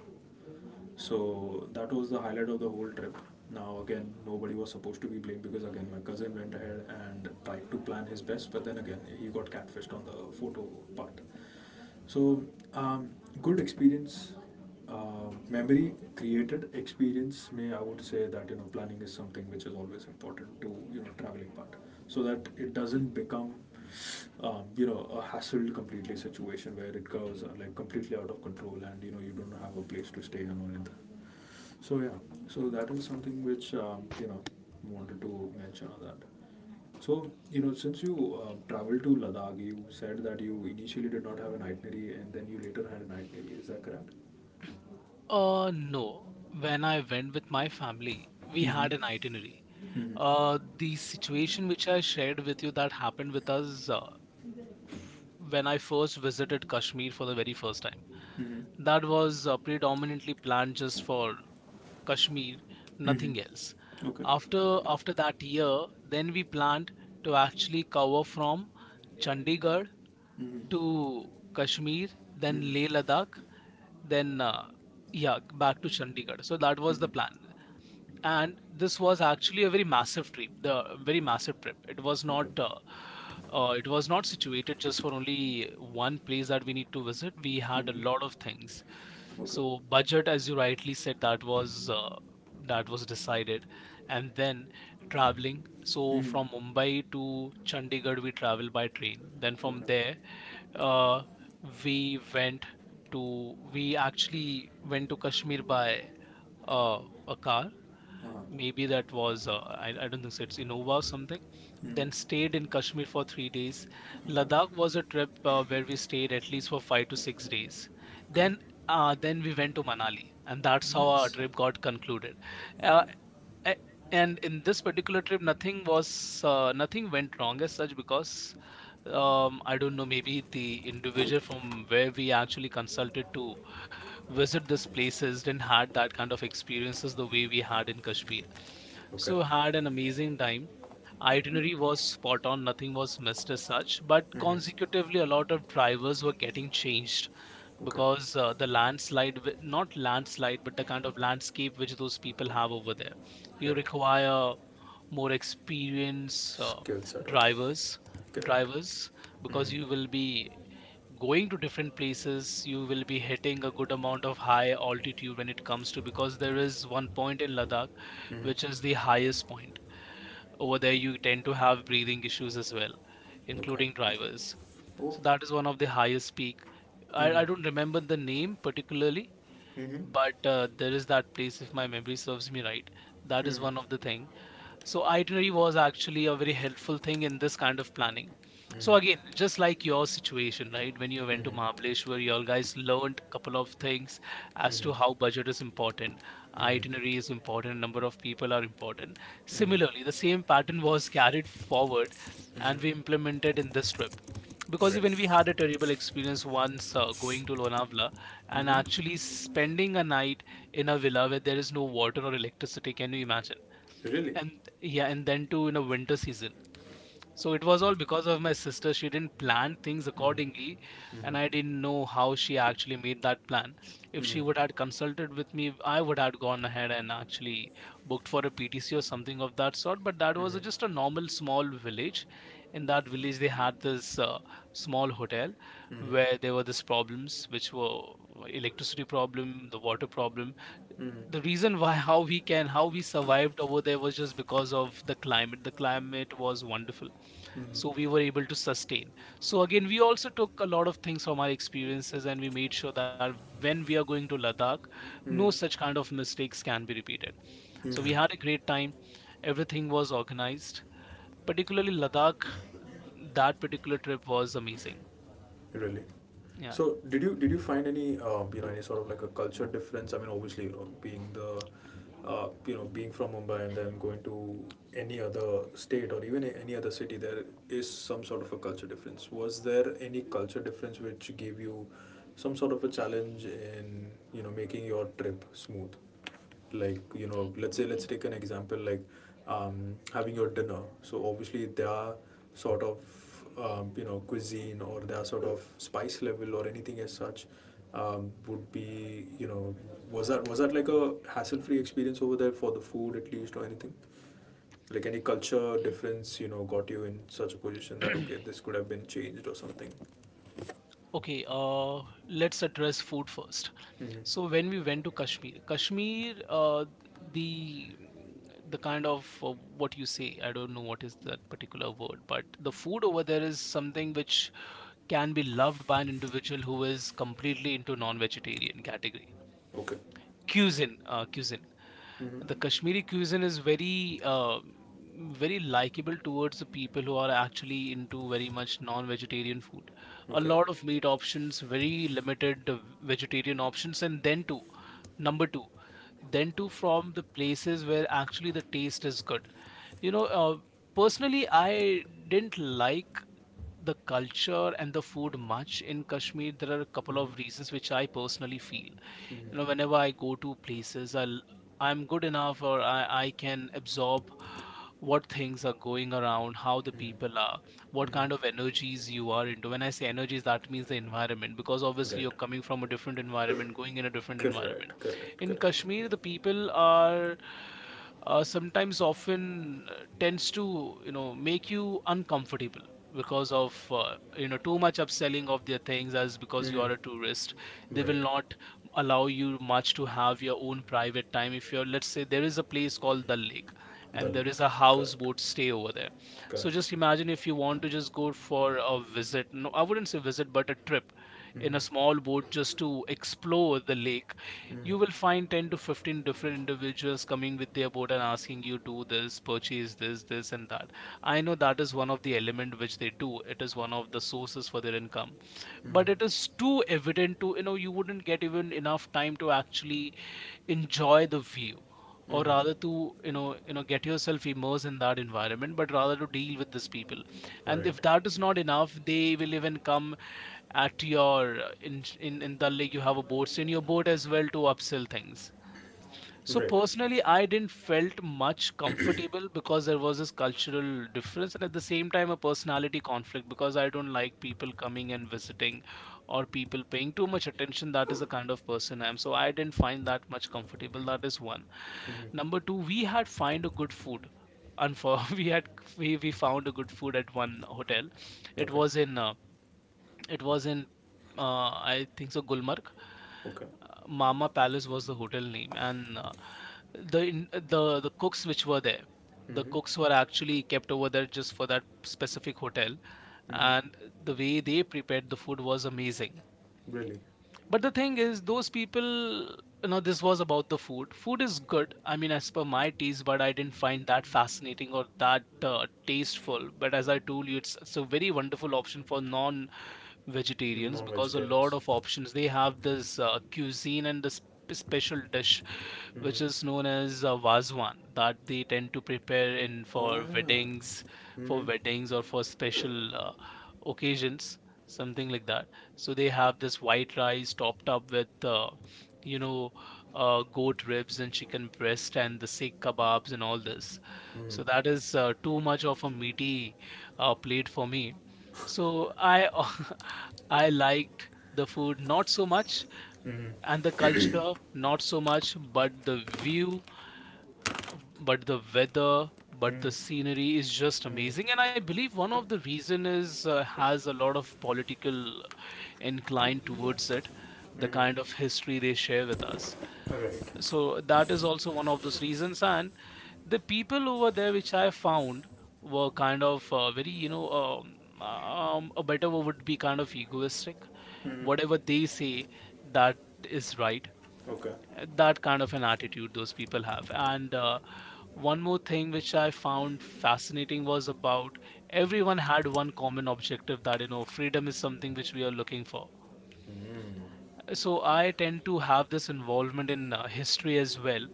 [SPEAKER 1] So that was the highlight of the whole trip. Now again, nobody was supposed to be blamed, because again, my cousin went ahead and tried to plan his best, but then again, he got catfished on the photo part. So, um, good experience, memory created experience. May I would say that you know planning is something which is always important to you know traveling part, so that it doesn't become, you know, a hassled completely situation where it goes, like completely out of control, and you know you don't have a place to stay and all that. So yeah, so that is something which, you know, wanted to mention on that. So you know, since you traveled to Ladakh, you said that you initially did not have an itinerary, and then you later had an itinerary. Is that correct?
[SPEAKER 2] No. When I went with my family, we
[SPEAKER 1] Mm-hmm.
[SPEAKER 2] had an itinerary.
[SPEAKER 1] Mm-hmm.
[SPEAKER 2] The situation which I shared with you that happened with us f- when I first visited Kashmir for the very first time.
[SPEAKER 1] Mm-hmm.
[SPEAKER 2] That was predominantly planned just for Kashmir, nothing else.
[SPEAKER 1] Mm-hmm. Okay.
[SPEAKER 2] After that year, then we planned to actually cover from Chandigarh
[SPEAKER 1] Mm-hmm.
[SPEAKER 2] to Kashmir,
[SPEAKER 1] Mm-hmm.
[SPEAKER 2] then Leh Ladakh, then yeah, back to Chandigarh. So that was the
[SPEAKER 1] Mm-hmm.
[SPEAKER 2] plan, and this was actually a very massive trip, the very massive trip. It was
[SPEAKER 1] Okay.
[SPEAKER 2] not it was not situated just for only one place that we need to visit, we had a
[SPEAKER 1] Mm-hmm.
[SPEAKER 2] lot of things.
[SPEAKER 1] Okay.
[SPEAKER 2] So budget, as you rightly said, that was decided, and then traveling. So
[SPEAKER 1] Mm-hmm.
[SPEAKER 2] from Mumbai to Chandigarh we traveled by train, then from
[SPEAKER 1] Okay.
[SPEAKER 2] there uh, we went we actually went to Kashmir by uh, a car.
[SPEAKER 1] Uh-huh.
[SPEAKER 2] Maybe that was I don't think so it's Innova or something.
[SPEAKER 1] Mm-hmm.
[SPEAKER 2] Then stayed in Kashmir for 3 days.
[SPEAKER 1] Okay.
[SPEAKER 2] Ladakh was a trip where we stayed at least for 5 to 6 days.
[SPEAKER 1] Okay.
[SPEAKER 2] Then then we went to Manali and that's how our
[SPEAKER 1] Nice.
[SPEAKER 2] trip got concluded. uh,
[SPEAKER 1] Okay.
[SPEAKER 2] a- and in this particular trip nothing was nothing went wrong as such because I don't know, maybe the individual from where we actually consulted to visit these places didn't had that kind of experiences the way we had in Kashmir.
[SPEAKER 1] Okay.
[SPEAKER 2] So had an amazing time. Itinerary was spot on, nothing was missed as such. But
[SPEAKER 1] Mm-hmm.
[SPEAKER 2] consecutively, a lot of drivers were getting changed
[SPEAKER 1] Okay.
[SPEAKER 2] because the landslide, not landslide, but the kind of landscape which those people have over there. You
[SPEAKER 1] Right.
[SPEAKER 2] require more experienced
[SPEAKER 1] Skill set out right
[SPEAKER 2] drivers,
[SPEAKER 1] now. Correct.
[SPEAKER 2] drivers, because
[SPEAKER 1] Mm-hmm.
[SPEAKER 2] you will be going to different places, you will be hitting a good amount of high altitude when it comes to, because there is one point in Ladakh
[SPEAKER 1] Mm-hmm.
[SPEAKER 2] which is the highest point over there, you tend to have breathing issues as well,
[SPEAKER 1] Okay.
[SPEAKER 2] including drivers.
[SPEAKER 1] Oh.
[SPEAKER 2] So that is one of the highest peak. I don't
[SPEAKER 1] Mm-hmm.
[SPEAKER 2] remember the name particularly,
[SPEAKER 1] Mm-hmm.
[SPEAKER 2] but there is that place if my memory serves me right. That is one of the thing. So itinerary was actually a very helpful thing in this kind of planning. So again, just like your situation, right? When you went to
[SPEAKER 1] Mm-hmm.
[SPEAKER 2] Mahabaleshwar, you all guys learned a couple of things as to how budget is important, itinerary
[SPEAKER 1] Mm-hmm.
[SPEAKER 2] is important, number of people are important. Similarly, the same pattern was carried forward
[SPEAKER 1] Mm-hmm.
[SPEAKER 2] and we implemented in this trip. Because
[SPEAKER 1] Okay.
[SPEAKER 2] even we had a terrible experience once going to Lonavala and
[SPEAKER 1] Mm-hmm.
[SPEAKER 2] actually spending a night in a villa where there is no water or electricity. Can you imagine?
[SPEAKER 1] Really?
[SPEAKER 2] And yeah, and then to, you know, winter season. So it was all because of my sister, she didn't plan things accordingly, and I
[SPEAKER 1] Mm-hmm.
[SPEAKER 2] didn't know how she actually made that plan. If she
[SPEAKER 1] Mm-hmm.
[SPEAKER 2] would have consulted with me, I would have gone ahead and actually booked for a PTC or something of that sort. But that was just a normal small village. In that village they had this small hotel where there were these problems which were electricity problem, the water problem.
[SPEAKER 1] Mm-hmm.
[SPEAKER 2] The reason why [LAUGHS] how we can, how we survived over there was just because of the climate, the climate was wonderful. So we were able to sustain. So again, we also took a lot of things from our experiences and we made sure that when we are going to Ladakh, no such kind of mistakes can be repeated. So we
[SPEAKER 1] Mm-hmm.
[SPEAKER 2] had a great time, everything was organized, particularly Ladakh. That particular trip was amazing.
[SPEAKER 1] Really.
[SPEAKER 2] Yeah.
[SPEAKER 1] So did you find any, you know, any sort of like a culture difference? I mean, obviously, you know, being the, you know, being from Mumbai and then going to any other state or even any other city, there is some sort of a culture difference. Was there any culture difference which gave you some sort of a challenge in you know making your trip smooth? Like you know, let's say let's take an example like, having your dinner, so obviously their sort of, you know, cuisine or their sort of spice level or anything as such, would be, you know, was that like a hassle free experience over there for the food at least, or anything like any culture difference you know got you in such a position that okay,
[SPEAKER 2] [CLEARS THROAT]
[SPEAKER 1] this could have been changed or something.
[SPEAKER 2] Okay, uh, let's address food first.
[SPEAKER 1] Mm-hmm.
[SPEAKER 2] So when we went to Kashmir, Kashmir, the the kind of what you say, I don't know what is that particular word, but the food over there is something which can be loved by an individual who is completely into non-vegetarian category.
[SPEAKER 1] Okay.
[SPEAKER 2] Cuisine, cuisine.
[SPEAKER 1] Mm-hmm.
[SPEAKER 2] The Kashmiri cuisine is very very likable towards the people who are actually into very much non-vegetarian food. A
[SPEAKER 1] Okay.
[SPEAKER 2] lot of meat options, very limited vegetarian options, and then too. Number two, then to from the places where actually the taste is good. You know, personally, I didn't like the culture and the food much in Kashmir. There are a couple of
[SPEAKER 1] Mm-hmm.
[SPEAKER 2] places which I personally feel whenever I go to places, I'm good enough or I can absorb what things are going around, how the people are, what
[SPEAKER 1] Mm-hmm.
[SPEAKER 2] kind of energies you are into. When I say energies, that means the environment, because obviously
[SPEAKER 1] Right.
[SPEAKER 2] you're coming from a different environment, in a different environment.
[SPEAKER 1] Correct, correct, correct.
[SPEAKER 2] Kashmir, the people are sometimes often tends to, you know, make you uncomfortable because of you know, too much upselling of their things as because you
[SPEAKER 1] Mm,
[SPEAKER 2] are a tourist. They will
[SPEAKER 1] right.
[SPEAKER 2] not allow you much to have your own private time. If you're, let's say there is a place called the lake
[SPEAKER 1] The
[SPEAKER 2] and there is
[SPEAKER 1] lake.
[SPEAKER 2] a house
[SPEAKER 1] Correct.
[SPEAKER 2] you stay over there, so
[SPEAKER 1] Correct.
[SPEAKER 2] just imagine if you want to just go for a visit, no, I wouldn't say visit but a trip in a small boat just to explore the lake, you will find 10 to 15 different individuals coming with their boat and asking you, do this, purchase this, this, and that. I know that is one of the element which they do. It is one of the sources for their income. But it is too evident to, you know, you wouldn't get even enough time to actually enjoy the view, or rather to, you know, you know, get yourself immersed in that environment, but rather to deal with these people. And
[SPEAKER 1] Right.
[SPEAKER 2] if that is not enough, they will even come at your in Dal Lake, you have a boat, so in your boat as well to upsell things. So
[SPEAKER 1] Right.
[SPEAKER 2] personally, I didn't felt much comfortable because there was this cultural difference and at the same time a personality conflict, because I don't like people coming and visiting or people paying too much attention. That is the kind of person I am. So I didn't find that much comfortable. That is one.
[SPEAKER 1] Mm-hmm.
[SPEAKER 2] Number two, we had find a good food. And for [LAUGHS] we had, we found a good food at one hotel. It
[SPEAKER 1] Okay.
[SPEAKER 2] was in it was in, I think so, Gulmarg.
[SPEAKER 1] Okay.
[SPEAKER 2] Mama Palace was the hotel name, and the cooks which were there, the
[SPEAKER 1] Mm-hmm.
[SPEAKER 2] cooks were actually kept over there just for that specific hotel,
[SPEAKER 1] Mm-hmm.
[SPEAKER 2] and the way they prepared the food was amazing.
[SPEAKER 1] Really?
[SPEAKER 2] But the thing is, those people, you know, this was about the food. Food is good, I mean, as per my taste, but I didn't find that fascinating or that tasteful. But as I told you, it's a very wonderful option for non vegetarians because a lot
[SPEAKER 1] Non-vegetarians.
[SPEAKER 2] of options they have this cuisine and this special dish
[SPEAKER 1] Mm-hmm.
[SPEAKER 2] which is known as vazwan that they tend to prepare in
[SPEAKER 1] Oh,
[SPEAKER 2] for
[SPEAKER 1] yeah.
[SPEAKER 2] weddings
[SPEAKER 1] Mm-hmm.
[SPEAKER 2] or for special occasions something like that. So they have this white rice topped up with you know goat ribs and chicken breast and the sikh kebabs and all this. So that is too much of a meaty plate for me. So I [LAUGHS] I liked the food not so much, and the culture not so much, but the view, but the weather, but the
[SPEAKER 1] Mm-hmm.
[SPEAKER 2] scenery is just amazing. And
[SPEAKER 1] Mm-hmm.
[SPEAKER 2] I believe one of the reason is has a lot of political incline towards it, the kind of
[SPEAKER 1] Mm-hmm.
[SPEAKER 2] history they share with us.
[SPEAKER 1] Right.
[SPEAKER 2] So that is also one of those reasons. And the people over there, which I found were kind of very a better word would be kind of egoistic.
[SPEAKER 1] Mm-hmm.
[SPEAKER 2] Whatever they say that is right.
[SPEAKER 1] Okay.
[SPEAKER 2] That kind of an attitude those people have. And one more thing which I found fascinating was about everyone had one common objective, that you know freedom is something which we are looking for.
[SPEAKER 1] Mm-hmm.
[SPEAKER 2] So I tend to have this involvement in history as well.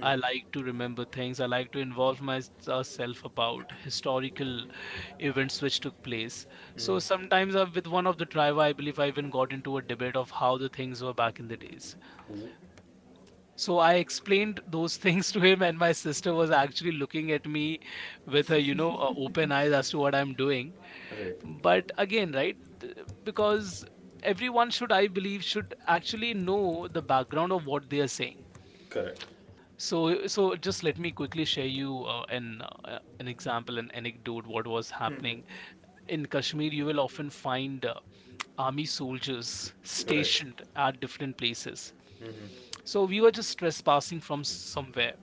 [SPEAKER 2] I like to remember things, I like to involve myself about historical events which took place. So sometimes with one of the tribe I believe I even got into a debate of how the things were back in the days.
[SPEAKER 1] Ooh.
[SPEAKER 2] So I explained those [LAUGHS] things to him, and my sister was actually looking at me with a you know a open eyes as to what I'm doing.
[SPEAKER 1] Right.
[SPEAKER 2] But again, right, because everyone should I believe should actually know the background of what they are saying.
[SPEAKER 1] Correct.
[SPEAKER 2] So just let me quickly share you an example, an anecdote. What was happening in Kashmir? You will often find army soldiers
[SPEAKER 1] Right.
[SPEAKER 2] stationed at different places.
[SPEAKER 1] Mm-hmm.
[SPEAKER 2] So we were just trespassing from somewhere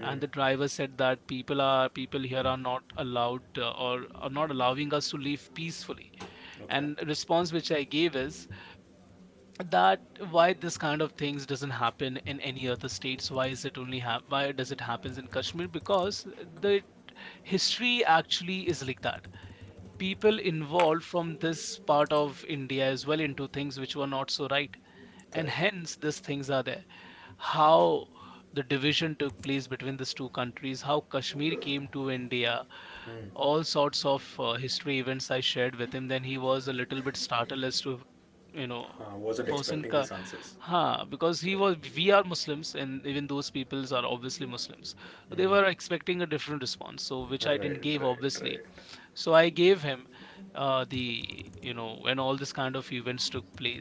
[SPEAKER 2] and the driver said that people here are not allowed or are not allowing us to leave peacefully.
[SPEAKER 1] Okay.
[SPEAKER 2] And response which I gave is that why this kind of things doesn't happen in any other states, why is it only hap why does it happens in Kashmir? Because the
[SPEAKER 1] Okay.
[SPEAKER 2] history actually is like that, people involved from this part of India as well into things which were not so right, and
[SPEAKER 1] Correct.
[SPEAKER 2] hence these things are there. How the division took place between these two countries, how Kashmir came to India,
[SPEAKER 1] Mm.
[SPEAKER 2] all sorts of history events I shared with him. Then he was a little bit startled as to, you know,
[SPEAKER 1] I wasn't expecting these answers.
[SPEAKER 2] ah, because he
[SPEAKER 1] Correct.
[SPEAKER 2] was, we are Muslims and even those peoples are obviously Muslims. So they
[SPEAKER 1] Mm.
[SPEAKER 2] were expecting a different response, so which I didn't
[SPEAKER 1] Right,
[SPEAKER 2] give,
[SPEAKER 1] right,
[SPEAKER 2] obviously.
[SPEAKER 1] right.
[SPEAKER 2] So I gave him the, you know, when all this kind of events took place,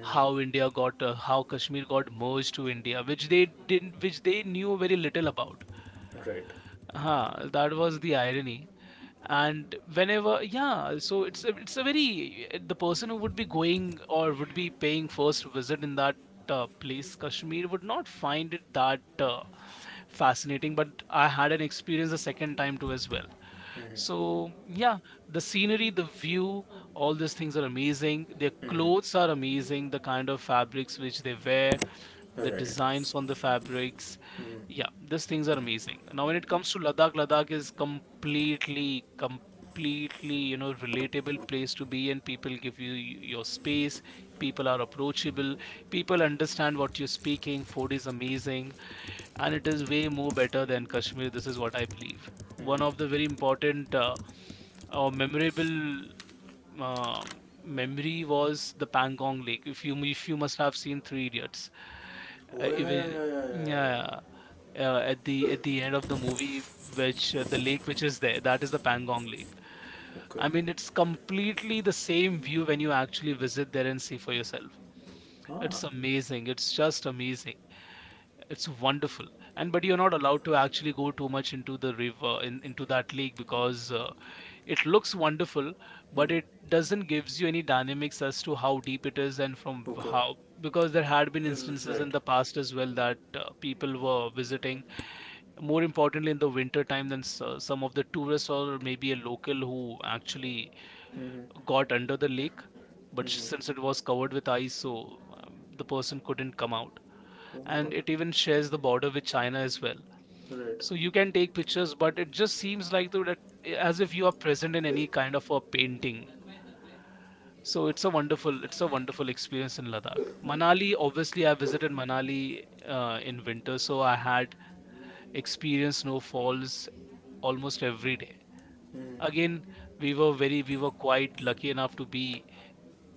[SPEAKER 2] how India got how Kashmir got merged to India, which they didn't, which they knew very little about.
[SPEAKER 1] Right.
[SPEAKER 2] Huh, that was the irony. And whenever, yeah, so it's a very the person who would be going or would be paying first visit in that place, Kashmir, would not find it that fascinating. But I had an experience the second time too as well.
[SPEAKER 1] Mm,
[SPEAKER 2] So yeah, the scenery, the view, all these things are amazing. Their clothes are amazing. The kind of fabrics which they wear, the
[SPEAKER 1] right.
[SPEAKER 2] designs on the fabrics.
[SPEAKER 1] Mm,
[SPEAKER 2] These things are amazing. Now, when it comes to Ladakh, Ladakh is completely, completely, you know, relatable place to be, and people give you your space. People are approachable. People understand what you're speaking. Food is amazing, and it is way more better than Kashmir. This is what I believe. One of
[SPEAKER 1] mm.
[SPEAKER 2] the very important or memorable um memory was the Pangong Lake. If you must have seen Three Idiots,
[SPEAKER 1] Oh, yeah, yeah,
[SPEAKER 2] even
[SPEAKER 1] yeah, yeah, yeah, yeah.
[SPEAKER 2] yeah. Yeah, at the end of the movie which the lake which is there, that is the Pangong Lake.
[SPEAKER 1] Okay.
[SPEAKER 2] I mean, it's completely the same view when you actually visit there and see for yourself. It's
[SPEAKER 1] Ah,
[SPEAKER 2] amazing, it's just amazing, it's wonderful. And but you're not allowed to actually go too much into the into that lake, because it looks wonderful but it doesn't gives you any dynamics as to how deep it is and from
[SPEAKER 1] okay.
[SPEAKER 2] how, because there had been instances in
[SPEAKER 1] Right.
[SPEAKER 2] the past as well that people were visiting, more importantly in the winter time, than some of the tourists or maybe a local who actually
[SPEAKER 1] Mm-hmm.
[SPEAKER 2] got under the lake, but since it
[SPEAKER 1] Mm-hmm.
[SPEAKER 2] was covered with ice, so the person couldn't come out.
[SPEAKER 1] Oh my
[SPEAKER 2] And
[SPEAKER 1] God.
[SPEAKER 2] it even shares the border with China as well.
[SPEAKER 1] Right.
[SPEAKER 2] So you can take pictures, but it just seems like though that as if you are present in any kind of a painting. So it's a wonderful experience in Ladakh. Manali, obviously I visited Manali in winter, so I had experienced snowfalls almost every day.
[SPEAKER 1] Mm,
[SPEAKER 2] Again, we were quite lucky enough to be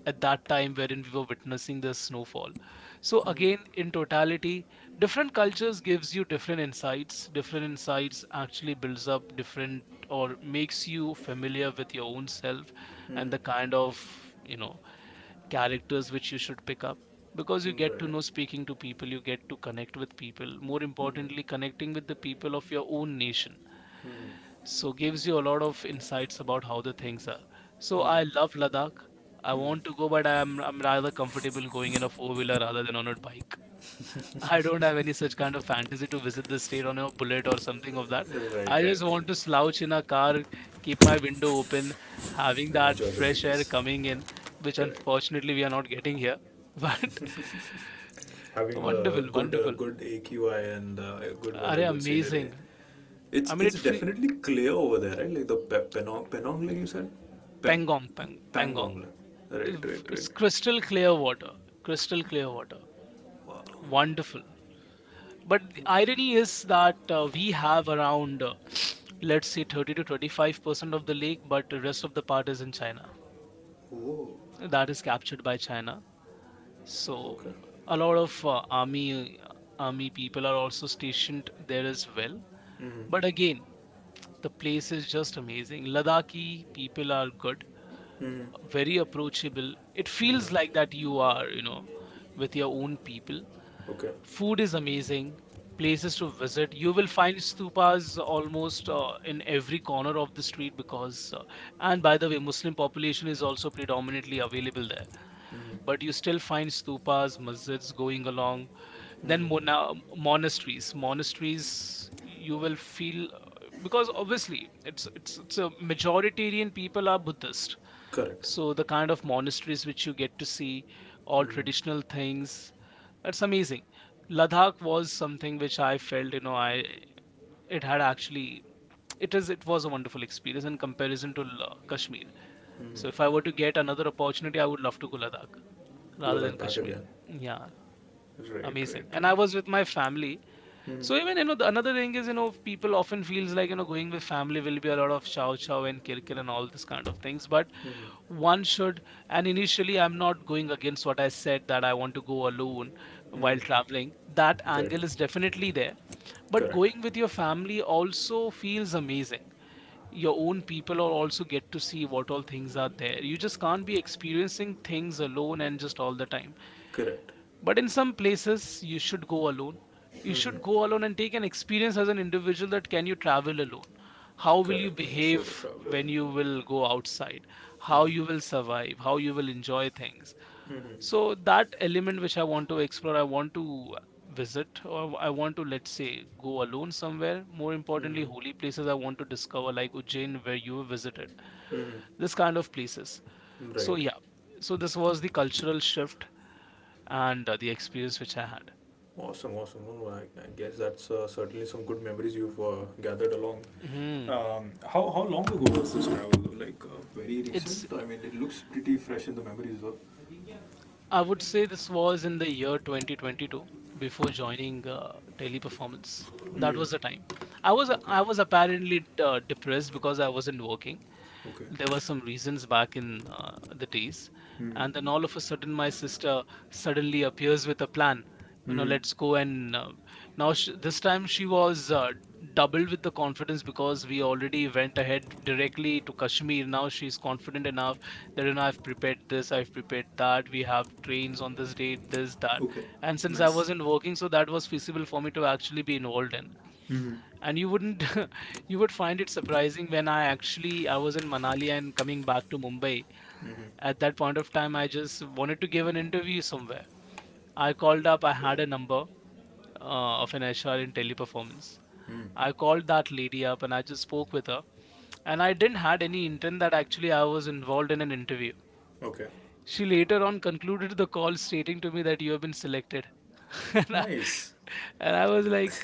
[SPEAKER 2] at that time wherein we were witnessing the snowfall. So again,
[SPEAKER 1] mm,
[SPEAKER 2] in totality, different cultures gives you different insights, different insights actually builds up different, or makes you familiar with your own self, and
[SPEAKER 1] mm,
[SPEAKER 2] the kind of, you know, characters which you should pick up, because you
[SPEAKER 1] mm,
[SPEAKER 2] get to
[SPEAKER 1] right.
[SPEAKER 2] know speaking to people, you get to connect with people, more
[SPEAKER 1] Mm,
[SPEAKER 2] importantly connecting with the people of your own nation.
[SPEAKER 1] mm,
[SPEAKER 2] So gives you a lot of insights about how the things are. So I
[SPEAKER 1] mm,
[SPEAKER 2] love Ladakh. I want to
[SPEAKER 1] mm.
[SPEAKER 2] go, but I'm rather comfortable going in a four wheeler rather than on a bike. I don't have any such kind of fantasy to visit the state on a bullet or something of that.
[SPEAKER 1] Right,
[SPEAKER 2] I
[SPEAKER 1] right,
[SPEAKER 2] just want to slouch in a car, keep my window open, having
[SPEAKER 1] right.
[SPEAKER 2] that
[SPEAKER 1] Enjoy the
[SPEAKER 2] fresh air
[SPEAKER 1] breeze.
[SPEAKER 2] coming in, which
[SPEAKER 1] Correct.
[SPEAKER 2] unfortunately we are not getting here. [LAUGHS] But
[SPEAKER 1] Having a
[SPEAKER 2] wonderful,
[SPEAKER 1] good,
[SPEAKER 2] wonderful.
[SPEAKER 1] good AQI and, good
[SPEAKER 2] Are
[SPEAKER 1] weather, good scenery.
[SPEAKER 2] amazing? I mean,
[SPEAKER 1] It's definitely clear over there, right? Like the Penong, Penong Lake, you said? Peng,
[SPEAKER 2] Pangong,
[SPEAKER 1] Pangong
[SPEAKER 2] Pangong.
[SPEAKER 1] Lake. Right, right, right.
[SPEAKER 2] It's crystal clear water, crystal clear water. Wonderful. But the irony is that we have around [SNIFFS] let's say 30 to 25% of the lake, but the rest of the part is in China,
[SPEAKER 1] Oh,
[SPEAKER 2] that is captured by China. So
[SPEAKER 1] okay.
[SPEAKER 2] a lot of army people are also stationed there as well.
[SPEAKER 1] Mm-hmm.
[SPEAKER 2] But again, the place is just amazing. Ladakhi people are good,
[SPEAKER 1] Mm-hmm.
[SPEAKER 2] very approachable. It feels like
[SPEAKER 1] Mm-hmm.
[SPEAKER 2] that you are, you know, with your own people.
[SPEAKER 1] Okay.
[SPEAKER 2] Food is amazing. Places to visit. You will find stupas almost in every corner of the street, because, and by the way, Muslim population is also predominantly available there.
[SPEAKER 1] Mm-hmm.
[SPEAKER 2] But you still find stupas, masjids going along. Then
[SPEAKER 1] Mm-hmm.
[SPEAKER 2] monasteries. Monasteries, you will feel because obviously it's a majoritarian, people are Buddhist.
[SPEAKER 1] Correct.
[SPEAKER 2] So the kind of monasteries which you get to see, all
[SPEAKER 1] Mm-hmm.
[SPEAKER 2] traditional things, that's amazing. Ladakh was something which I felt, you know, I it had actually, it was a wonderful experience in comparison to Kashmir. So if I were
[SPEAKER 1] Mm-hmm.
[SPEAKER 2] to get another opportunity, I would love to go Ladakh rather than
[SPEAKER 1] Ladakh back
[SPEAKER 2] Kashmir.
[SPEAKER 1] again.
[SPEAKER 2] Yeah,
[SPEAKER 1] Right, right,
[SPEAKER 2] amazing. And I
[SPEAKER 1] right.
[SPEAKER 2] was with my family.
[SPEAKER 1] Mm-hmm.
[SPEAKER 2] So even you know the, another thing is you know people often feels like you know going with family will be a lot of chow chow and kirkir and all this kind of things, but
[SPEAKER 1] Mm-hmm.
[SPEAKER 2] one should, and initially I'm not going against what I said that I want to go alone, while
[SPEAKER 1] Mm-hmm.
[SPEAKER 2] traveling that
[SPEAKER 1] Right.
[SPEAKER 2] angle is definitely there, but
[SPEAKER 1] Correct.
[SPEAKER 2] going with your family also feels amazing. Your own people are also get to see what all things are there, you just can't be experiencing things alone and just all the time.
[SPEAKER 1] Correct.
[SPEAKER 2] But in some places, you should go alone. You should
[SPEAKER 1] Mm-hmm.
[SPEAKER 2] go alone and take an experience as an individual, that can you travel alone? How will you
[SPEAKER 1] Correct. Like a
[SPEAKER 2] behave
[SPEAKER 1] solo traveler.
[SPEAKER 2] when you will go outside? How you will
[SPEAKER 1] Mm-hmm.
[SPEAKER 2] survive? How you will enjoy things?
[SPEAKER 1] Mm-hmm.
[SPEAKER 2] So that element which I want to explore, I want to visit, or I want to let's say go alone somewhere. More importantly,
[SPEAKER 1] Mm-hmm.
[SPEAKER 2] holy places I want to discover, like Ujjain where you visited.
[SPEAKER 1] Mm-hmm.
[SPEAKER 2] This kind of places. So,
[SPEAKER 1] Right.
[SPEAKER 2] so this was the cultural shift and the experience which I
[SPEAKER 1] Awesome, awesome. No, I guess that's certainly some good memories you've gathered along.
[SPEAKER 2] had. Mm.
[SPEAKER 1] How long ago was this travel, though? Like very
[SPEAKER 2] It's
[SPEAKER 1] recent? I mean, it looks pretty fresh in the memories though.
[SPEAKER 2] I would say this was in the year 2022 before joining Teleperformance. That
[SPEAKER 1] Mm.
[SPEAKER 2] was the time. I was
[SPEAKER 1] Okay,
[SPEAKER 2] I was apparently depressed because I wasn't working.
[SPEAKER 1] okay.
[SPEAKER 2] There were some reasons back in the days, and then
[SPEAKER 1] Mm.
[SPEAKER 2] all of a sudden my sister suddenly appears with a plan. You know,
[SPEAKER 1] Hmm.
[SPEAKER 2] let's go, and now sh this time she was doubled with the confidence, because we already went ahead directly to Kashmir. Now she's confident enough that, you know, I've prepared this, I've prepared that, we have trains on this date, this, that.
[SPEAKER 1] Okay,
[SPEAKER 2] And since I
[SPEAKER 1] nice.
[SPEAKER 2] wasn't working, so that was feasible for me to actually be involved in.
[SPEAKER 1] Hmm.
[SPEAKER 2] And you wouldn't [LAUGHS] you would find it surprising when I was in Manali and coming back to Mumbai.
[SPEAKER 1] Hmm.
[SPEAKER 2] At that point of time, I just wanted to give an interview somewhere. I called up, I had a number of an HR in Teleperformance. I called that lady up and I just spoke with her, and I didn't had any intent that actually I was involved in an interview.
[SPEAKER 1] Okay,
[SPEAKER 2] She later on concluded the call stating to me that you have been selected. [LAUGHS]
[SPEAKER 1] nice.
[SPEAKER 2] And I was like,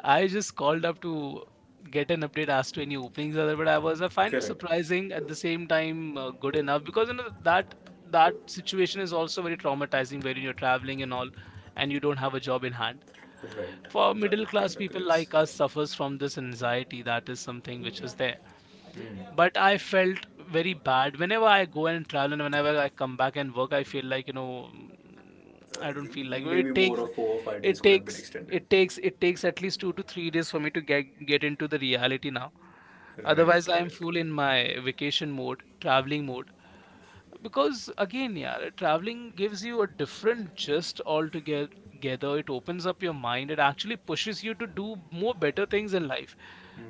[SPEAKER 2] I just called up to get an update as to any openings other, but I was, I find it
[SPEAKER 1] Correct.
[SPEAKER 2] surprising at the same time good enough, because you know that that situation is also very traumatizing, where you're traveling and all and you don't have a job in hand.
[SPEAKER 1] Right.
[SPEAKER 2] For middle
[SPEAKER 1] That
[SPEAKER 2] class
[SPEAKER 1] kind of
[SPEAKER 2] people
[SPEAKER 1] creates.
[SPEAKER 2] like us, suffers from this anxiety, that is something which is there.
[SPEAKER 1] Mm.
[SPEAKER 2] But I felt very bad whenever I go and travel and whenever I come back and work. I feel like, you know, I don't feel like well,
[SPEAKER 1] Maybe
[SPEAKER 2] it
[SPEAKER 1] more
[SPEAKER 2] takes
[SPEAKER 1] of 4 or 5 days
[SPEAKER 2] it
[SPEAKER 1] could have been
[SPEAKER 2] takes
[SPEAKER 1] extended.
[SPEAKER 2] it takes it takes at least 2 to 3 days for me to get into the reality now.
[SPEAKER 1] Right,
[SPEAKER 2] Otherwise I am
[SPEAKER 1] right,
[SPEAKER 2] full
[SPEAKER 1] right.
[SPEAKER 2] in my vacation mode, traveling mode. Because again, yeah, traveling gives you a different gist altogether. It opens up your mind, it actually pushes you to do more better things in life,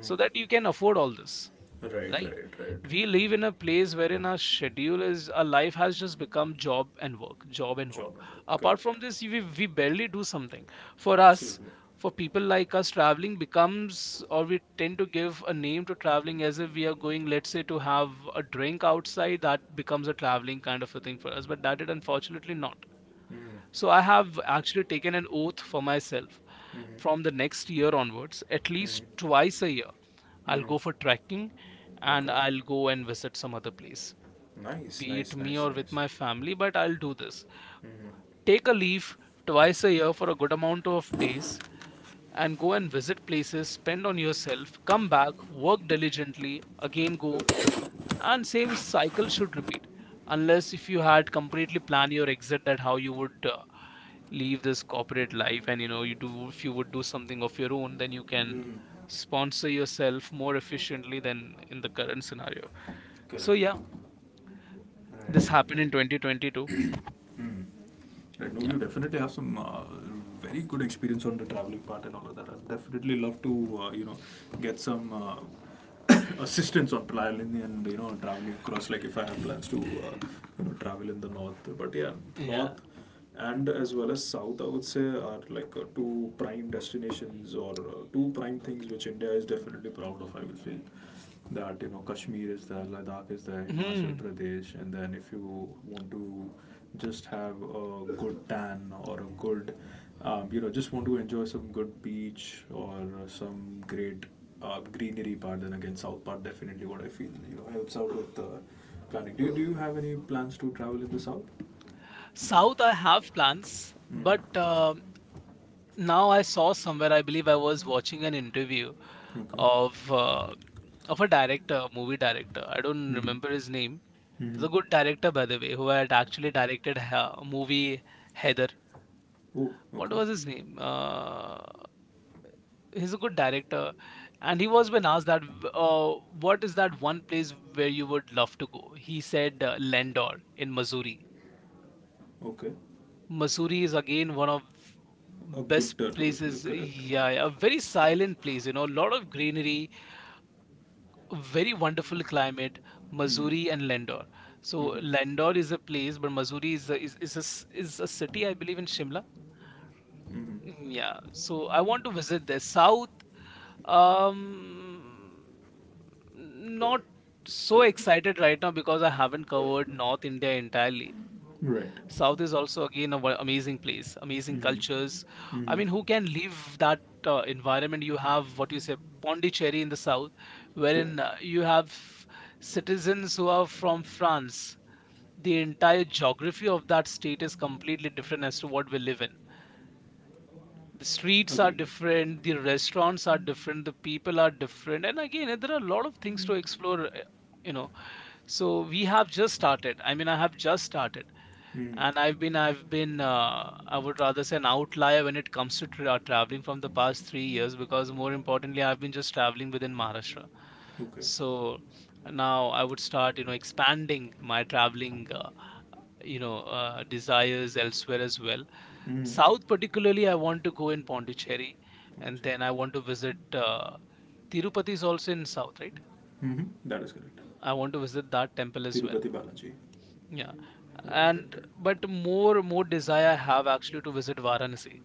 [SPEAKER 2] so that you can afford all this,
[SPEAKER 1] Right,
[SPEAKER 2] right?
[SPEAKER 1] right, right.
[SPEAKER 2] We live in a place wherein our schedule is, our life has just become job and work, job and work.
[SPEAKER 1] Job and work.
[SPEAKER 2] Apart from
[SPEAKER 1] Correct.
[SPEAKER 2] this, we barely do something for us.
[SPEAKER 1] Absolutely.
[SPEAKER 2] For people like us, traveling becomes, or we tend to give a name to traveling as if we are going, let's say, to have a drink outside, that becomes a traveling kind of a thing for us, but that it unfortunately not. So I have actually taken an oath for myself, from the next year onwards, at least
[SPEAKER 1] Mm-hmm.
[SPEAKER 2] twice a year I'll
[SPEAKER 1] Mm-hmm.
[SPEAKER 2] go for trekking, and
[SPEAKER 1] Okay.
[SPEAKER 2] I'll go and visit some other place,
[SPEAKER 1] Nice,
[SPEAKER 2] be it
[SPEAKER 1] nice,
[SPEAKER 2] me
[SPEAKER 1] nice,
[SPEAKER 2] or with
[SPEAKER 1] nice.
[SPEAKER 2] my family, but I'll do this.
[SPEAKER 1] Mm-hmm.
[SPEAKER 2] Take a leave twice a year for a good amount of days and go and visit places, spend on yourself, come back, work diligently, again go, and same cycle should repeat. Unless if you had completely planned your exit, that how you would leave this corporate life, and you know, you do if you would do something of your own, then you can
[SPEAKER 1] Mm,
[SPEAKER 2] sponsor yourself more efficiently than in the current scenario. So
[SPEAKER 1] correct.
[SPEAKER 2] yeah,
[SPEAKER 1] Right,
[SPEAKER 2] this happened in
[SPEAKER 1] right,
[SPEAKER 2] 2022.
[SPEAKER 1] right. [CLEARS THROAT] Mm. Right, no,
[SPEAKER 2] Yeah.
[SPEAKER 1] you definitely have some very good experience on the traveling part and all of that. I'd definitely love to, you know, get some [COUGHS] assistance on planning and you know traveling across. Like if I have plans to, you know, travel in the north, but yeah,
[SPEAKER 2] Yeah.
[SPEAKER 1] north and as well as south, I would say, are like two prime destinations or two prime things which India is definitely proud of, I will feel, that you know Kashmir is there, Ladakh is there, Himachal
[SPEAKER 2] Hmm.
[SPEAKER 1] Pradesh, and then if you want to just have a good tan or a good you know, just want to enjoy some good beach or some great greenery part, then again south part, definitely what I feel, you know, helps out with planning. Do you have any plans to travel in the south?
[SPEAKER 2] South, I have plans, but
[SPEAKER 1] Mm.
[SPEAKER 2] now I saw somewhere. I believe I was watching an interview
[SPEAKER 1] Okay.
[SPEAKER 2] of a director, movie director. I don't
[SPEAKER 1] Mm-hmm.
[SPEAKER 2] remember his name. He's a
[SPEAKER 1] Mm-hmm.
[SPEAKER 2] good director, by the way, who had actually directed a movie Heather.
[SPEAKER 1] Oh,
[SPEAKER 2] What
[SPEAKER 1] okay.
[SPEAKER 2] was his name? He's a good director, and he was when asked that, uh, what is that one place where you would love to go? He said Landor in Missouri.
[SPEAKER 1] Okay.
[SPEAKER 2] Missouri is again one of
[SPEAKER 1] A good
[SPEAKER 2] best
[SPEAKER 1] tourist
[SPEAKER 2] places.
[SPEAKER 1] look, correct.
[SPEAKER 2] Yeah, yeah, a very silent place. You know, a lot of greenery, a very wonderful climate.
[SPEAKER 1] Mm-hmm.
[SPEAKER 2] Missouri and Landor. So
[SPEAKER 1] Mm-hmm.
[SPEAKER 2] Landor is a place, but Missouri is a, is a, is a city, I believe, in Shimla. Mm.
[SPEAKER 1] Mm-hmm.
[SPEAKER 2] Yeah. So I want to visit there. South. Um, not so excited right now because I haven't covered North India entirely. South
[SPEAKER 1] Right.
[SPEAKER 2] is also again a amazing place, amazing
[SPEAKER 1] Mm-hmm.
[SPEAKER 2] cultures. I mean, who
[SPEAKER 1] Mm-hmm.
[SPEAKER 2] can leave that environment? You have, what you say, Pondicherry in the south, wherein
[SPEAKER 1] Correct.
[SPEAKER 2] you have citizens who are from France. The entire geography of that state is completely different as to what we live in. The streets are
[SPEAKER 1] Agreed.
[SPEAKER 2] different, the restaurants are different, the people are different, and again there are a lot of things to explore, you know. So we have just started, I mean, I have just started. And i've
[SPEAKER 1] Mm-hmm.
[SPEAKER 2] been i've been I would rather say an outlier when it comes to traveling from the past 3 years, because more importantly I've been just traveling within Maharashtra.
[SPEAKER 1] Okay.
[SPEAKER 2] So now I would start, you know, expanding my traveling you know, desires elsewhere as well.
[SPEAKER 1] Mm-hmm.
[SPEAKER 2] South particularly, I want to go in Pondicherry,
[SPEAKER 1] One
[SPEAKER 2] and then
[SPEAKER 1] second.
[SPEAKER 2] I want to visit Tirupati is also in south, right?
[SPEAKER 1] Mm-hmm. That is correct.
[SPEAKER 2] I want to visit that temple as well.
[SPEAKER 1] Tirupati Balaji.
[SPEAKER 2] Yeah.
[SPEAKER 1] Right, right,
[SPEAKER 2] And
[SPEAKER 1] right.
[SPEAKER 2] but more desire I have actually, to visit Varanasi.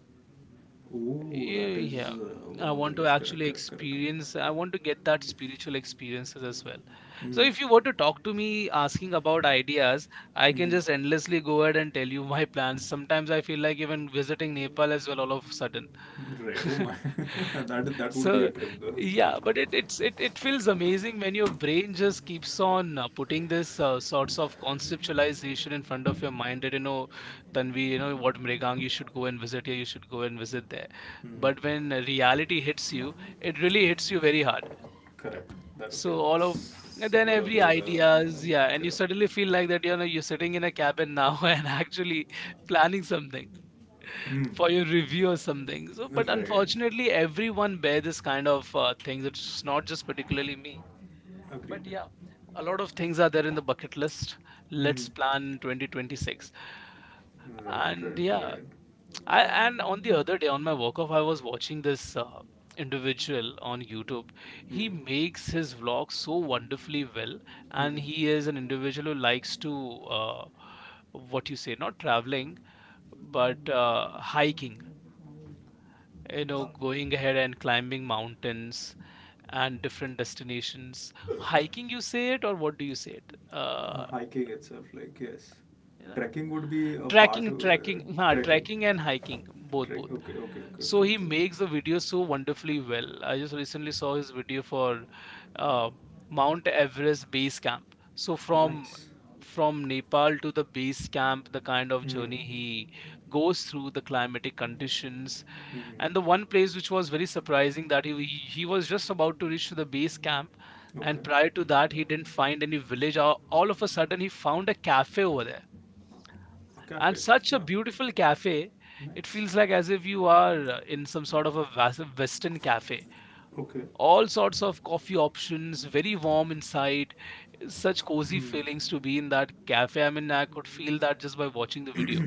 [SPEAKER 1] Oh, that is
[SPEAKER 2] Yeah,
[SPEAKER 1] one
[SPEAKER 2] I
[SPEAKER 1] of the
[SPEAKER 2] want to
[SPEAKER 1] list. Correct,
[SPEAKER 2] actually
[SPEAKER 1] correct, correct, correct.
[SPEAKER 2] experience, I want to get that spiritual experiences as well. So
[SPEAKER 1] Mm-hmm.
[SPEAKER 2] if you were to talk to me asking about ideas, I can
[SPEAKER 1] Mm-hmm.
[SPEAKER 2] just endlessly go ahead and tell you [LAUGHS] my plans. Sometimes I feel like even visiting Nepal as well, all of a sudden.
[SPEAKER 1] Right. Oh
[SPEAKER 2] [LAUGHS]
[SPEAKER 1] my, [LAUGHS]
[SPEAKER 2] [LAUGHS]
[SPEAKER 1] that that would be a
[SPEAKER 2] So
[SPEAKER 1] trip though. Yeah.
[SPEAKER 2] yeah, but it feels amazing when your brain just keeps on putting this sorts of conceptualization in front of your mind, that you know, Tanvi, you know what, Mrigang, you should go and visit here, you should go and visit there.
[SPEAKER 1] Hmm.
[SPEAKER 2] But when reality hits you, it really hits you very hard.
[SPEAKER 1] Correct. That okay.
[SPEAKER 2] So all of, and then
[SPEAKER 1] Somewhere or the
[SPEAKER 2] every
[SPEAKER 1] other,
[SPEAKER 2] ideas, yeah, and you
[SPEAKER 1] correct.
[SPEAKER 2] suddenly feel like that, you know, you're sitting in a cabin now [LAUGHS] and actually planning something
[SPEAKER 1] Hmm.
[SPEAKER 2] for your review or something. So, but
[SPEAKER 1] Right.
[SPEAKER 2] unfortunately, everyone bear this kind of things. It's not just particularly me, but
[SPEAKER 1] Agreed.
[SPEAKER 2] yeah, a lot of things are there in the bucket list. Let's
[SPEAKER 1] Hmm.
[SPEAKER 2] plan 2026,
[SPEAKER 1] Right.
[SPEAKER 2] and
[SPEAKER 1] Right.
[SPEAKER 2] yeah,
[SPEAKER 1] Right.
[SPEAKER 2] I and on the other day on my walk off, I was watching this. Individual on YouTube, he makes his vlog so wonderfully well, and he is an individual who likes to what you say, not traveling but hiking, you
[SPEAKER 1] Uh,
[SPEAKER 2] know, going ahead and climbing mountains and different destinations. Hiking you say it, or what do you say it,
[SPEAKER 1] hiking itself, like, yes,
[SPEAKER 2] you know,
[SPEAKER 1] trekking would be a part
[SPEAKER 2] tracking
[SPEAKER 1] of
[SPEAKER 2] tracking [LAUGHS] nah,
[SPEAKER 1] trekking.
[SPEAKER 2] tracking and hiking, both
[SPEAKER 1] Trek.
[SPEAKER 2] both
[SPEAKER 1] Okay. Okay. Okay. Okay.
[SPEAKER 2] So
[SPEAKER 1] Okay,
[SPEAKER 2] he
[SPEAKER 1] okay.
[SPEAKER 2] makes the video so wonderfully well. I just recently saw his video for uh, Mount Everest base camp. So from
[SPEAKER 1] Nice.
[SPEAKER 2] from Nepal to the base camp, the kind of
[SPEAKER 1] Hmm.
[SPEAKER 2] journey he goes through, the climatic conditions,
[SPEAKER 1] Hmm.
[SPEAKER 2] and the one place which was very surprising, that he was just about to reach to the base camp,
[SPEAKER 1] Okay.
[SPEAKER 2] and prior to that he didn't find any village. All of a sudden he found a cafe over there,
[SPEAKER 1] A
[SPEAKER 2] and
[SPEAKER 1] cafe.
[SPEAKER 2] such a
[SPEAKER 1] Huh.
[SPEAKER 2] beautiful cafe. It
[SPEAKER 1] Nice.
[SPEAKER 2] feels like as if you are in some sort of a western cafe.
[SPEAKER 1] Okay.
[SPEAKER 2] All sorts of coffee options, very warm inside, such cozy feelings to be in that cafe. I mean, I could feel that just by watching the video.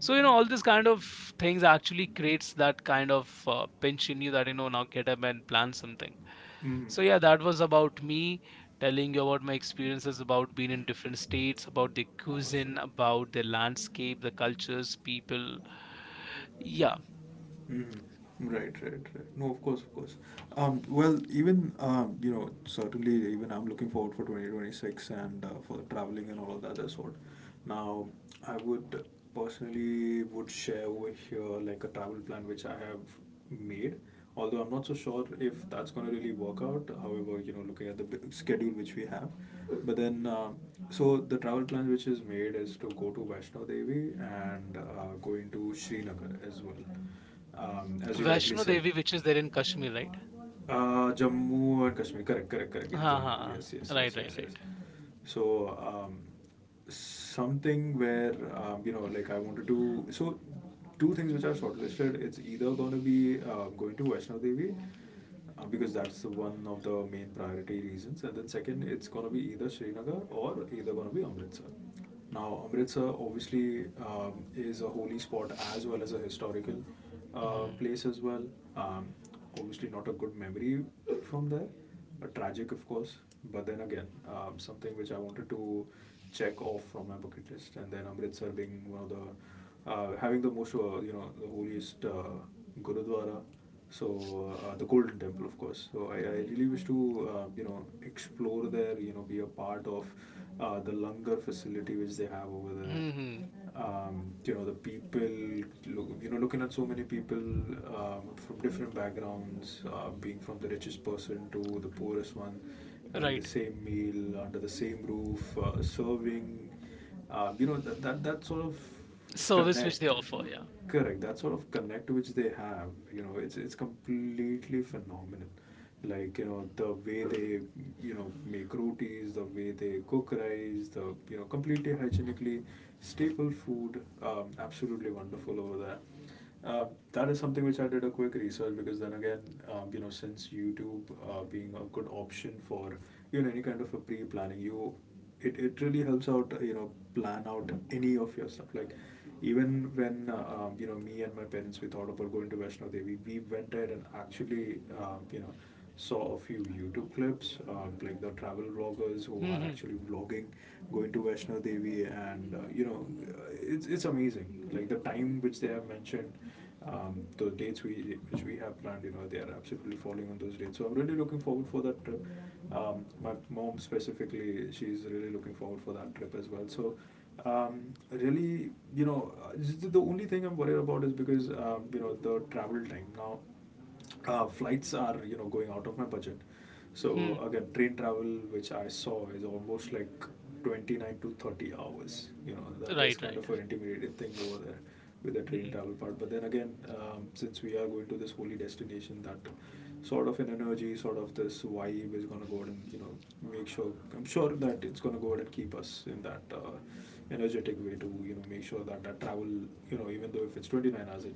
[SPEAKER 2] So you know, all these kind of things actually creates that kind of pinch in you, that you know, now get up and plan something.
[SPEAKER 1] Mm.
[SPEAKER 2] So yeah, that was about me telling you about my experiences, about being in different states, about the cuisine,
[SPEAKER 1] Awesome.
[SPEAKER 2] about the landscape, the cultures, people. Yeah.
[SPEAKER 1] Hmm. Right, right, right. No, of course, of course. Well, even you know, certainly, even I'm looking forward for 2026 and for traveling and all of that other sort. Now, I would personally would share over here like a travel plan which I have made. Although I'm not so sure if that's going to really work out. However, you know, looking at the b- schedule which we have, but then so the travel plan which is made is to go to Vaishno Devi and going to Srinagar as well, as you rightly
[SPEAKER 2] Vaishno
[SPEAKER 1] said.
[SPEAKER 2] Devi, which is there in Kashmir, right?
[SPEAKER 1] Jammu and Kashmir, correct, correct, correct. In Jammu,
[SPEAKER 2] uh
[SPEAKER 1] yes, yes,
[SPEAKER 2] right,
[SPEAKER 1] yes,
[SPEAKER 2] right,
[SPEAKER 1] yes, yes.
[SPEAKER 2] right.
[SPEAKER 1] So something where you know, like I wanted to. So two things which I've shortlisted. It's either going to be going to Vaishno Devi. Because that's the one of the main priority reasons, and then second, it's gonna be either Srinagar or either gonna be Amritsar. Now, Amritsar obviously is a holy spot as well as a historical
[SPEAKER 2] Hmm.
[SPEAKER 1] place as well. Um, Obviously, not a good memory from there, a tragic, of course. But then again, something which I wanted to check off from my bucket list, and then Amritsar being one of the having the most you know, the holiest gurudwara, so the Golden Temple, of course, so I really wish to you know, explore there, you know, be a part of the langar facility which they have over there,
[SPEAKER 2] Hmm.
[SPEAKER 1] you know, the people, look, you know, looking at so many people from different backgrounds, being from the richest person to the poorest one, having the
[SPEAKER 2] Right.
[SPEAKER 1] same meal under the same roof, serving, you know, that sort of
[SPEAKER 2] Service which they
[SPEAKER 1] connect,
[SPEAKER 2] offer, yeah.
[SPEAKER 1] correct, that sort of connect which they have, you know, it's completely phenomenal. Like, you know, the way they, you know, make rotis, the way they cook rice, the, you know, completely hygienically staple food, absolutely wonderful over there. uh, that is something which I did a quick research, because then again, you know, since YouTube, being a good option for, you know, any kind of a pre-planning, you, it really helps out, you know, plan out any of your stuff. Like, even when you know, me and my parents, we thought about going to Vaishno Devi, we went there, and actually, you know, saw a few YouTube clips, like the travel vloggers who are
[SPEAKER 2] Hmm.
[SPEAKER 1] actually vlogging, going to Vaishno Devi, and you know, it's amazing. Like, the time which they have mentioned, the dates we which we have planned, you know, they are absolutely falling on those dates. So I'm really looking forward for that trip. My mom specifically, she's really looking forward for that trip as well. So. Really, you know, the only thing I'm worried about is, because you know, the travel time now, flights are, you know, going out of my budget. So
[SPEAKER 2] Hmm.
[SPEAKER 1] again, train travel which I saw is almost like 29 to 30 hours, you know, that
[SPEAKER 2] Right,
[SPEAKER 1] is kind
[SPEAKER 2] right.
[SPEAKER 1] of an intimidating thing over there, with the train
[SPEAKER 2] Mm-hmm.
[SPEAKER 1] travel part. But then again, since we are going to this holy destination, that sort of an energy, sort of this vibe is going to go out, and you know, make sure, I'm sure that it's going to go out and keep us in that energetic way to, you know, make sure that that travel, you know, even though if it's 29 hours, it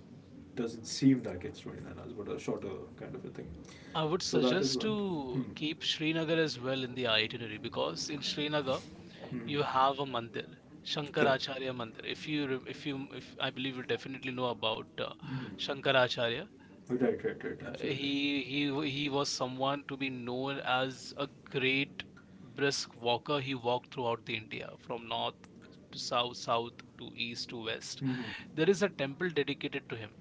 [SPEAKER 1] doesn't seem that it's 29 hours, but a shorter kind of a thing.
[SPEAKER 2] I would
[SPEAKER 1] So that is
[SPEAKER 2] suggest
[SPEAKER 1] one. Hmm.
[SPEAKER 2] to keep Srinagar as well in the itinerary, because in Srinagar
[SPEAKER 1] Hmm.
[SPEAKER 2] you have a mandir,
[SPEAKER 1] Correct.
[SPEAKER 2] Shankaracharya Mandir. If you, if I believe you definitely know about Shankaracharya.
[SPEAKER 1] Right, right, right. Absolutely.
[SPEAKER 2] He he was someone to be known as a great brisk walker. He walked throughout the India from north to south, south to east to west.
[SPEAKER 1] Mm-hmm.
[SPEAKER 2] There is a temple dedicated to him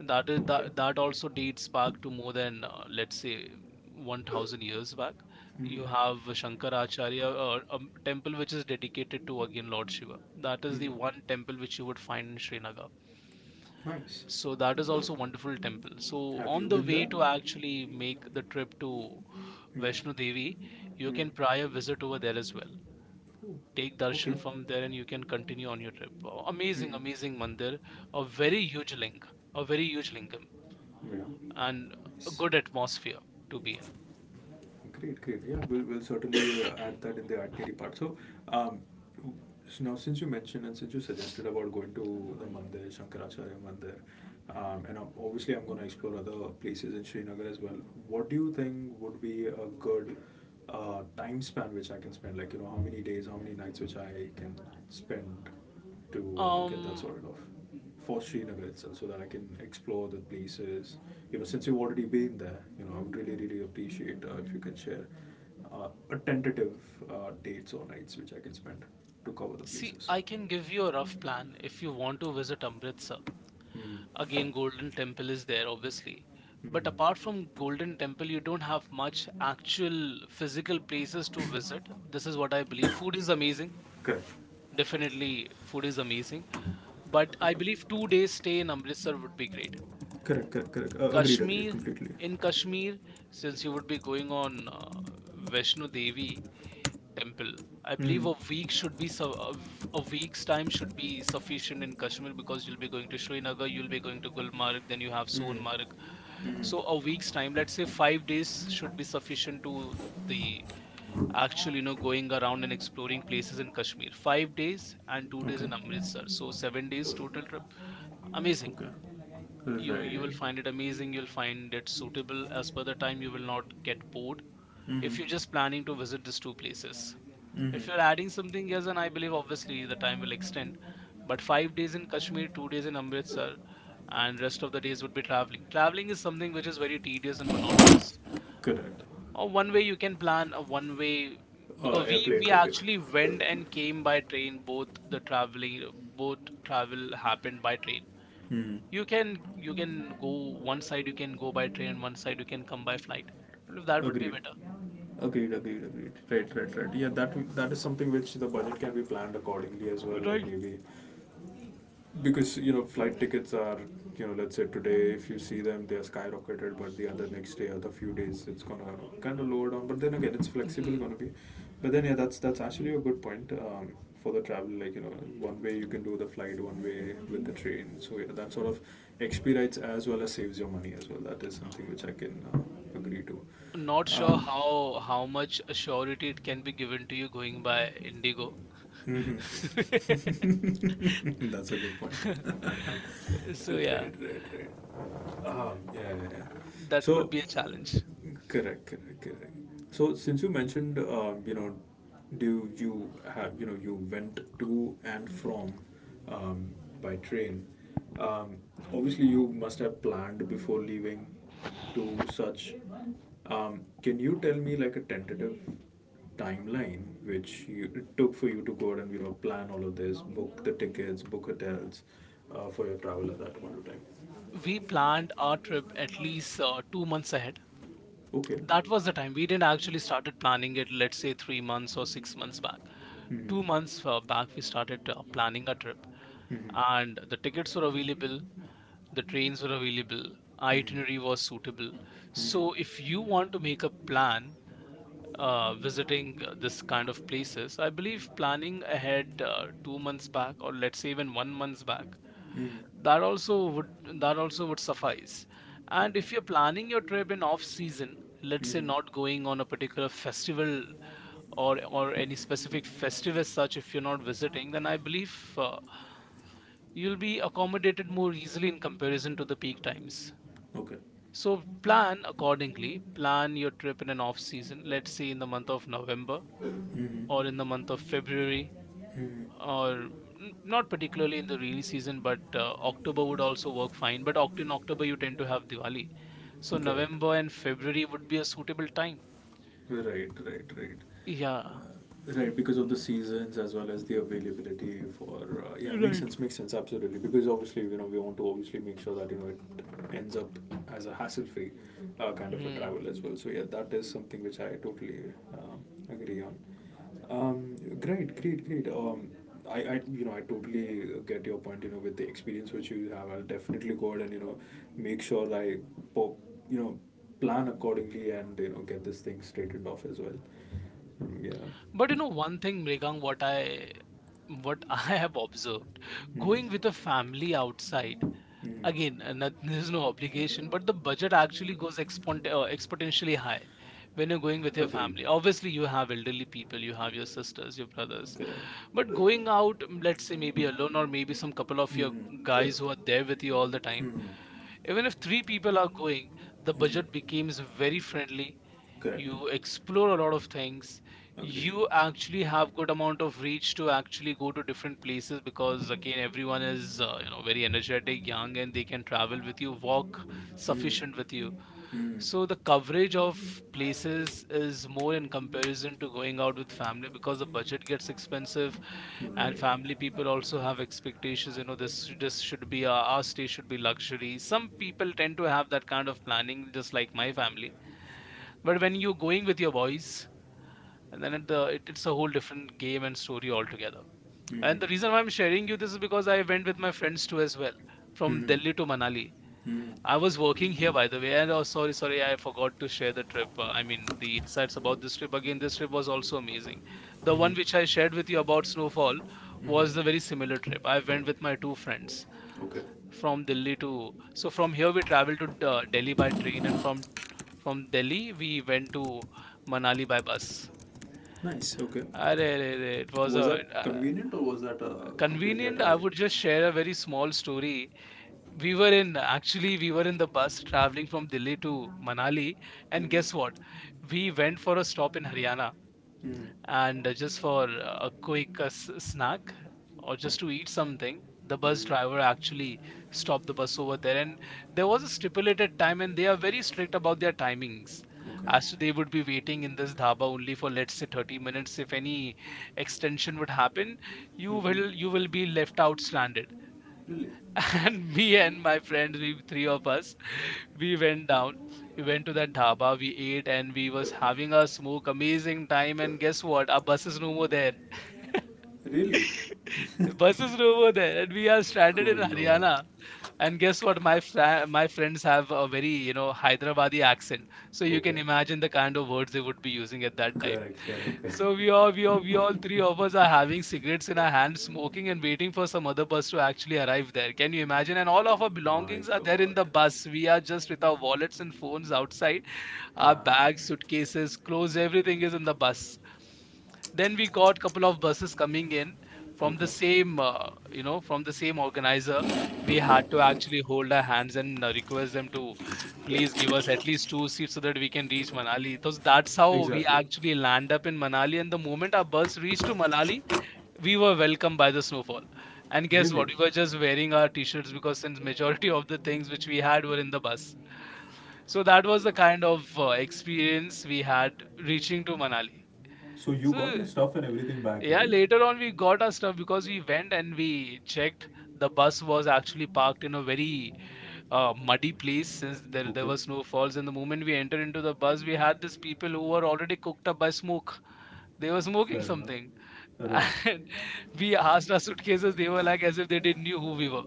[SPEAKER 2] that is
[SPEAKER 1] Okay.
[SPEAKER 2] that that also dates back to more than let's say 1,000 years back.
[SPEAKER 1] Mm-hmm.
[SPEAKER 2] You have shankaracharya, a temple which is dedicated to again lord shiva. That is the
[SPEAKER 1] Mm-hmm.
[SPEAKER 2] one temple which you would find in srinagar,
[SPEAKER 1] Nice.
[SPEAKER 2] so that is also a wonderful temple. So
[SPEAKER 1] Have you
[SPEAKER 2] on the
[SPEAKER 1] been
[SPEAKER 2] way
[SPEAKER 1] there?
[SPEAKER 2] to actually make the trip to
[SPEAKER 1] Mm.
[SPEAKER 2] vaishno devi, you
[SPEAKER 1] Mm.
[SPEAKER 2] can pry a visit over there as well, take darshan
[SPEAKER 1] Okay.
[SPEAKER 2] from there, and you can continue on your trip. Oh, amazing,
[SPEAKER 1] Mm.
[SPEAKER 2] amazing mandir, a very huge link a very huge link
[SPEAKER 1] Yeah.
[SPEAKER 2] and a
[SPEAKER 1] Nice.
[SPEAKER 2] good atmosphere to be in.
[SPEAKER 1] Great, great. Yeah, we'll certainly add that in the itinerary part. So, um, w- now since you mentioned and since you suggested about going to the Mandir, Shankaracharya Mandir, and obviously I'm going to explore other places in Srinagar as well. What do you think would be a good time span which I can spend? Like, you know, how many days, how many nights which I can spend to get that
[SPEAKER 2] Um,
[SPEAKER 1] sorted off, for Srinagar itself, so so that I can explore the places. You know, since you've already been there, you know, I would really, really appreciate if you could share a tentative dates or nights which I can spend to cover the
[SPEAKER 2] See,
[SPEAKER 1] places.
[SPEAKER 2] I can give you a rough plan if you want to visit Amritsar.
[SPEAKER 1] Mm.
[SPEAKER 2] Again, Golden Temple is there, obviously.
[SPEAKER 1] Mm.
[SPEAKER 2] But apart from Golden Temple, you don't have much actual physical places to visit. This is what I believe. Food is amazing.
[SPEAKER 1] Correct.
[SPEAKER 2] Definitely, food is amazing. But I believe 2 days stay in Amritsar would be great.
[SPEAKER 1] Correct, correct, correct. Agreed, agreed,
[SPEAKER 2] Kashmir,
[SPEAKER 1] completely.
[SPEAKER 2] in Kashmir, since you would be going on Vaishno Devi temple, I believe
[SPEAKER 1] Mm.
[SPEAKER 2] a week's time should be sufficient in Kashmir because you'll be going to Srinagar, you'll be going to Gulmarg, then you have
[SPEAKER 1] Mm.
[SPEAKER 2] Sonmarg.
[SPEAKER 1] Mm.
[SPEAKER 2] So a week's time, let's say 5 days, should be sufficient to the actual you know, going around and exploring places in Kashmir. 5 days and 2 days
[SPEAKER 1] Okay.
[SPEAKER 2] in Amritsar, so 7 days total trip. Amazing.
[SPEAKER 1] Okay.
[SPEAKER 2] You will
[SPEAKER 1] Right.
[SPEAKER 2] find it amazing. You'll find it suitable as per the time. You will not get bored
[SPEAKER 1] Mm.
[SPEAKER 2] if you're just planning to visit these two places. If
[SPEAKER 1] Mm.
[SPEAKER 2] you're adding something else, then I believe obviously the time will extend. But 5 days in Kashmir, 2 days in Amritsar, and rest of the days would be traveling. Traveling is something which is very tedious and monotonous.
[SPEAKER 1] Correct.
[SPEAKER 2] Or one way you can plan, a one way, because we
[SPEAKER 1] Airplane
[SPEAKER 2] we
[SPEAKER 1] ticket.
[SPEAKER 2] actually went and came by train. Both the traveling, both travel happened by train.
[SPEAKER 1] Mm.
[SPEAKER 2] You can go, one side you can go by train, one side you can come by flight. I believe that would be
[SPEAKER 1] Agreed. Agreed, agreed, agreed. Right, right, right. Yeah, that that is something which the budget can be planned accordingly as well.
[SPEAKER 2] better.
[SPEAKER 1] Like,
[SPEAKER 2] Right.
[SPEAKER 1] maybe because, you know, flight tickets are, you know, let's say today if you see them they are skyrocketed, but the other next day or the few days it's gonna kind of lower down, but then again it's flexible
[SPEAKER 2] Hmm.
[SPEAKER 1] gonna be. But then yeah, that's actually a good point, for the travel, like, you know, one way you can do the flight, one way with the train, so yeah, that sort of expedites as well as saves your money as well, that is something which I can agree to.
[SPEAKER 2] Not sure
[SPEAKER 1] um,
[SPEAKER 2] how much surety it can be given to you going by Indigo. [LAUGHS]
[SPEAKER 1] Mm-hmm. [LAUGHS] That's a good point. [LAUGHS] Right,
[SPEAKER 2] So yeah,
[SPEAKER 1] right, right. Yeah, yeah, yeah.
[SPEAKER 2] that could
[SPEAKER 1] So,
[SPEAKER 2] be a challenge.
[SPEAKER 1] correct, correct, correct. So, since you mentioned, you know, do you have, you know, you went to and from um, by train. Um, Obviously, you must have planned before leaving to such. Can you tell me like a tentative timeline which you, it took for you to go out and, you know, plan all of this, book the tickets, book hotels for your travel at that point of time?
[SPEAKER 2] We planned our trip at least 2 months ahead.
[SPEAKER 1] Okay.
[SPEAKER 2] That was the time we didn't actually started planning it. Let's say 3 months or 6 months back.
[SPEAKER 1] Hmm.
[SPEAKER 2] 2 months back, we started planning a trip,
[SPEAKER 1] Hmm.
[SPEAKER 2] and the tickets were available, the trains were available,
[SPEAKER 1] Hmm.
[SPEAKER 2] itinerary was suitable. So if
[SPEAKER 1] Mm-hmm.
[SPEAKER 2] you want to make a plan visiting this kind of places, I believe planning ahead 2 months back, or let's say even 1 month back,
[SPEAKER 1] Mm-hmm.
[SPEAKER 2] that also would that also would suffice. And if you're planning your trip in off season, let's say not going on a particular festival or any specific festive as such, if you're not visiting, then I believe you'll be accommodated more easily in comparison to the peak times.
[SPEAKER 1] Okay. Okay.
[SPEAKER 2] So plan accordingly. Plan your trip in an off season, let's say in the month of November or in the month of February, or not particularly in the rainy season, but October would also work fine. But in October, you tend to have Diwali. So
[SPEAKER 1] Correct.
[SPEAKER 2] November and February would be a suitable time.
[SPEAKER 1] Right, right, right.
[SPEAKER 2] Yeah.
[SPEAKER 1] Right, because of the seasons as well as the availability for, yeah,
[SPEAKER 2] Right.
[SPEAKER 1] makes sense, absolutely. Because, obviously, you know, we want to obviously make sure that, you know, it ends up as a hassle-free kind of a
[SPEAKER 2] Hmm.
[SPEAKER 1] travel as well. So yeah, that is something which I totally agree on. Great, great, great. I, you know, I totally get your point. You know, with the experience which you have, I'll definitely go ahead and, you know, make sure I, po- you know, plan accordingly and, you know, get this thing straightened off as well. Mm,
[SPEAKER 2] But
[SPEAKER 1] yeah.
[SPEAKER 2] you know, one thing, Mrigang, what I what [LAUGHS] I have observed, going with a
[SPEAKER 1] Mm-hmm.
[SPEAKER 2] family outside,
[SPEAKER 1] Mm-hmm.
[SPEAKER 2] again, not, [LAUGHS] there's no obligation, but the budget actually goes exponentially high when you're going with your
[SPEAKER 1] Agreed.
[SPEAKER 2] family. Obviously you have elderly people, you have your sisters, your brothers.
[SPEAKER 1] Correct.
[SPEAKER 2] But going out, let's say maybe alone, or maybe some couple of your
[SPEAKER 1] Mm-hmm.
[SPEAKER 2] guys who are there with you all the time,
[SPEAKER 1] Mm-hmm.
[SPEAKER 2] even if three people are going, the
[SPEAKER 1] Mm-hmm.
[SPEAKER 2] budget becomes very friendly.
[SPEAKER 1] Correct.
[SPEAKER 2] You explore a lot of things.
[SPEAKER 1] Agreed.
[SPEAKER 2] You actually have good amount of reach to actually go to different places, because again, everyone is, you know, very energetic, young, and they can travel with you, walk
[SPEAKER 1] Hmm.
[SPEAKER 2] sufficient with you. So the coverage of places is more in comparison to going out with family, because the budget gets expensive. And
[SPEAKER 1] Right.
[SPEAKER 2] family
[SPEAKER 1] hmm hmm right.
[SPEAKER 2] people also have expectations. You know, this should be our stay should be luxury. Some people tend to have that kind of planning, just like my family. But when you're going with your boys, and then it, the it, it's a whole different game and story altogether. And
[SPEAKER 1] Hmm.
[SPEAKER 2] the reason why I'm sharing you this is because I went with my friends too as well, from
[SPEAKER 1] hmm
[SPEAKER 2] Delhi to Manali.
[SPEAKER 1] Hmm hmm
[SPEAKER 2] I was working here, by the way, and oh, sorry, sorry, I forgot to share the trip, I mean the insights about this trip. Again, this trip was also amazing. The one which I shared with you about snowfall
[SPEAKER 1] hmm.
[SPEAKER 2] was the very similar trip. I went with my two friends
[SPEAKER 1] Okay,
[SPEAKER 2] from delhi to so from here, we traveled to Delhi by train, and from Delhi, we went to Manali by bus.
[SPEAKER 1] nice, okay.
[SPEAKER 2] Arey, arey, arey, it was
[SPEAKER 1] Was
[SPEAKER 2] a,
[SPEAKER 1] that convenient or was that completely a
[SPEAKER 2] convenient. I
[SPEAKER 1] tragedy?
[SPEAKER 2] would just share a very small story. We were in the bus traveling from Delhi to Manali, and guess
[SPEAKER 1] Mm-hmm.
[SPEAKER 2] what? We went for a stop in Haryana,
[SPEAKER 1] Mm-hmm.
[SPEAKER 2] and just for a quick, snack, or just to eat something, the bus driver
[SPEAKER 1] Mm-hmm.
[SPEAKER 2] actually stopped the bus over there. And there was a stipulated time, and they are very strict about their timings,
[SPEAKER 1] Okay.
[SPEAKER 2] as to they would be waiting in this dhaba only for, let's say, 30 minutes. If any extension would happen, you
[SPEAKER 1] Mm-hmm.
[SPEAKER 2] will you will be left out stranded.
[SPEAKER 1] Really?
[SPEAKER 2] [LAUGHS] And me and my friend, we three of us, we went down, we went to that dhaba, we ate, and we was having a smoke, amazing time, and guess what, our bus is no more there.
[SPEAKER 1] Really?
[SPEAKER 2] [LAUGHS] Buses are
[SPEAKER 1] [LAUGHS]
[SPEAKER 2] over there, and we are stranded in
[SPEAKER 1] Good lord.
[SPEAKER 2] Haryana. And guess what? My friends have a very, you know, Hyderabadi accent, so you
[SPEAKER 1] Okay.
[SPEAKER 2] can imagine the kind of words they would be using at that time.
[SPEAKER 1] Correct, correct, correct.
[SPEAKER 2] So we all three of us are having cigarettes in our hands, smoking and waiting for some other bus to actually arrive there. Can you imagine? And all of our
[SPEAKER 1] My
[SPEAKER 2] belongings are there in
[SPEAKER 1] god.
[SPEAKER 2] the bus. We are just with our wallets and phones outside, our
[SPEAKER 1] Ah,
[SPEAKER 2] bags, suitcases, clothes, everything is in the bus. Then we got couple of buses coming in from the
[SPEAKER 1] okay.
[SPEAKER 2] same, you know, from the same organizer. We had to actually hold our hands and request them to please give us at least two seats so that we can reach Manali. So that's how we
[SPEAKER 1] Exactly.
[SPEAKER 2] actually land up in Manali. And the moment our bus reached to Manali, we were welcomed by the snowfall. And guess
[SPEAKER 1] Really?
[SPEAKER 2] what? We were just wearing our t-shirts, because since majority of the things which we had were in the bus. So that was the kind of experience we had reaching to Manali.
[SPEAKER 1] So you got your
[SPEAKER 2] So
[SPEAKER 1] stuff and everything back,
[SPEAKER 2] yeah,
[SPEAKER 1] right?
[SPEAKER 2] later on we got our stuff, because we went and we checked. The bus was actually parked in a very muddy place, since there
[SPEAKER 1] Okay.
[SPEAKER 2] were snowfalls. And the moment we entered into the bus, we had these people who were already cooked up by smoke. They were smoking
[SPEAKER 1] Fair enough.
[SPEAKER 2] something, [LAUGHS]
[SPEAKER 1] Right.
[SPEAKER 2] and we asked our suitcases. They were like, as if they didn't knew who we were.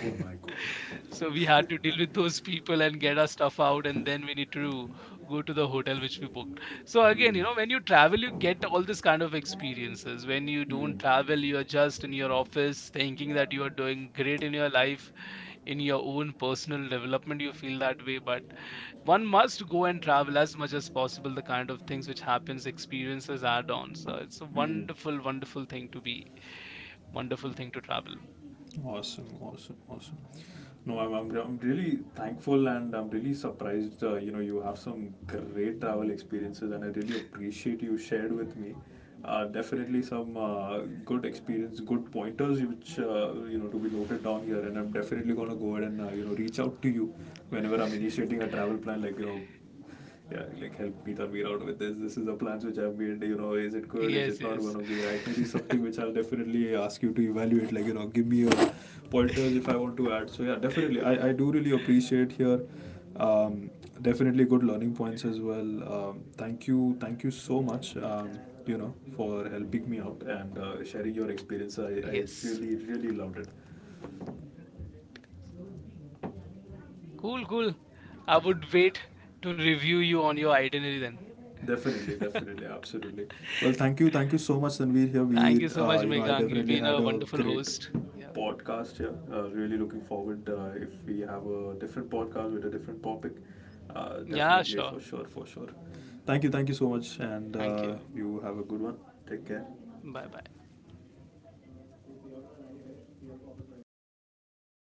[SPEAKER 1] Oh my god.
[SPEAKER 2] So we had to deal with those people and get our stuff out, and then we need to go to the hotel which we booked. So again, you
[SPEAKER 1] Mm.
[SPEAKER 2] know, when you travel, you get all this kind of experiences. When you don't
[SPEAKER 1] Mm.
[SPEAKER 2] travel, you are just in your office thinking that you are doing great in your life, in your own personal development, you feel that way. But one must go and travel as much as possible. The kind of things which happens, experiences add on. So it's a
[SPEAKER 1] Mm.
[SPEAKER 2] wonderful, wonderful thing to be, wonderful thing to travel.
[SPEAKER 1] Awesome, awesome, awesome. No, I'm really thankful and I'm really surprised. You know, you have some great travel experiences, and I really appreciate you shared with me. Definitely some good experience, good pointers, which, you know, to be noted down here. And I'm definitely gonna go ahead and, you know, reach out to you whenever I'm initiating a travel plan. Like, you know, yeah, like, help me, Tanvir, out with this. This is the plans which I've made. You know, is it good? Is
[SPEAKER 2] Yes,
[SPEAKER 1] it not going
[SPEAKER 2] yes,
[SPEAKER 1] to be? I, it is
[SPEAKER 2] [LAUGHS]
[SPEAKER 1] something which I'll definitely ask you to evaluate. Like, you know, give me your pointers if I want to add. So yeah, definitely, I do really appreciate here. Um, Definitely good learning points as well. Thank you, thank you so much. You know, for helping me out and, sharing your experience. I
[SPEAKER 2] yes.
[SPEAKER 1] really really loved it.
[SPEAKER 2] Cool, cool. I would wait to review you on your itinerary then.
[SPEAKER 1] Definitely, definitely, absolutely. Well, thank you so much, Sanveer. Here,
[SPEAKER 2] Thank
[SPEAKER 1] we,
[SPEAKER 2] you so much,
[SPEAKER 1] you know, I
[SPEAKER 2] Megang. You've
[SPEAKER 1] definitely
[SPEAKER 2] been
[SPEAKER 1] had
[SPEAKER 2] a
[SPEAKER 1] a
[SPEAKER 2] wonderful
[SPEAKER 1] great
[SPEAKER 2] host. Yeah.
[SPEAKER 1] podcast here. Really looking forward if we have a different podcast with a different topic.
[SPEAKER 2] Yeah,
[SPEAKER 1] Definitely,
[SPEAKER 2] sure.
[SPEAKER 1] for sure, for sure. Thank you so much, and,
[SPEAKER 2] Thank you.
[SPEAKER 1] you have a good one. Take care.
[SPEAKER 2] Bye bye.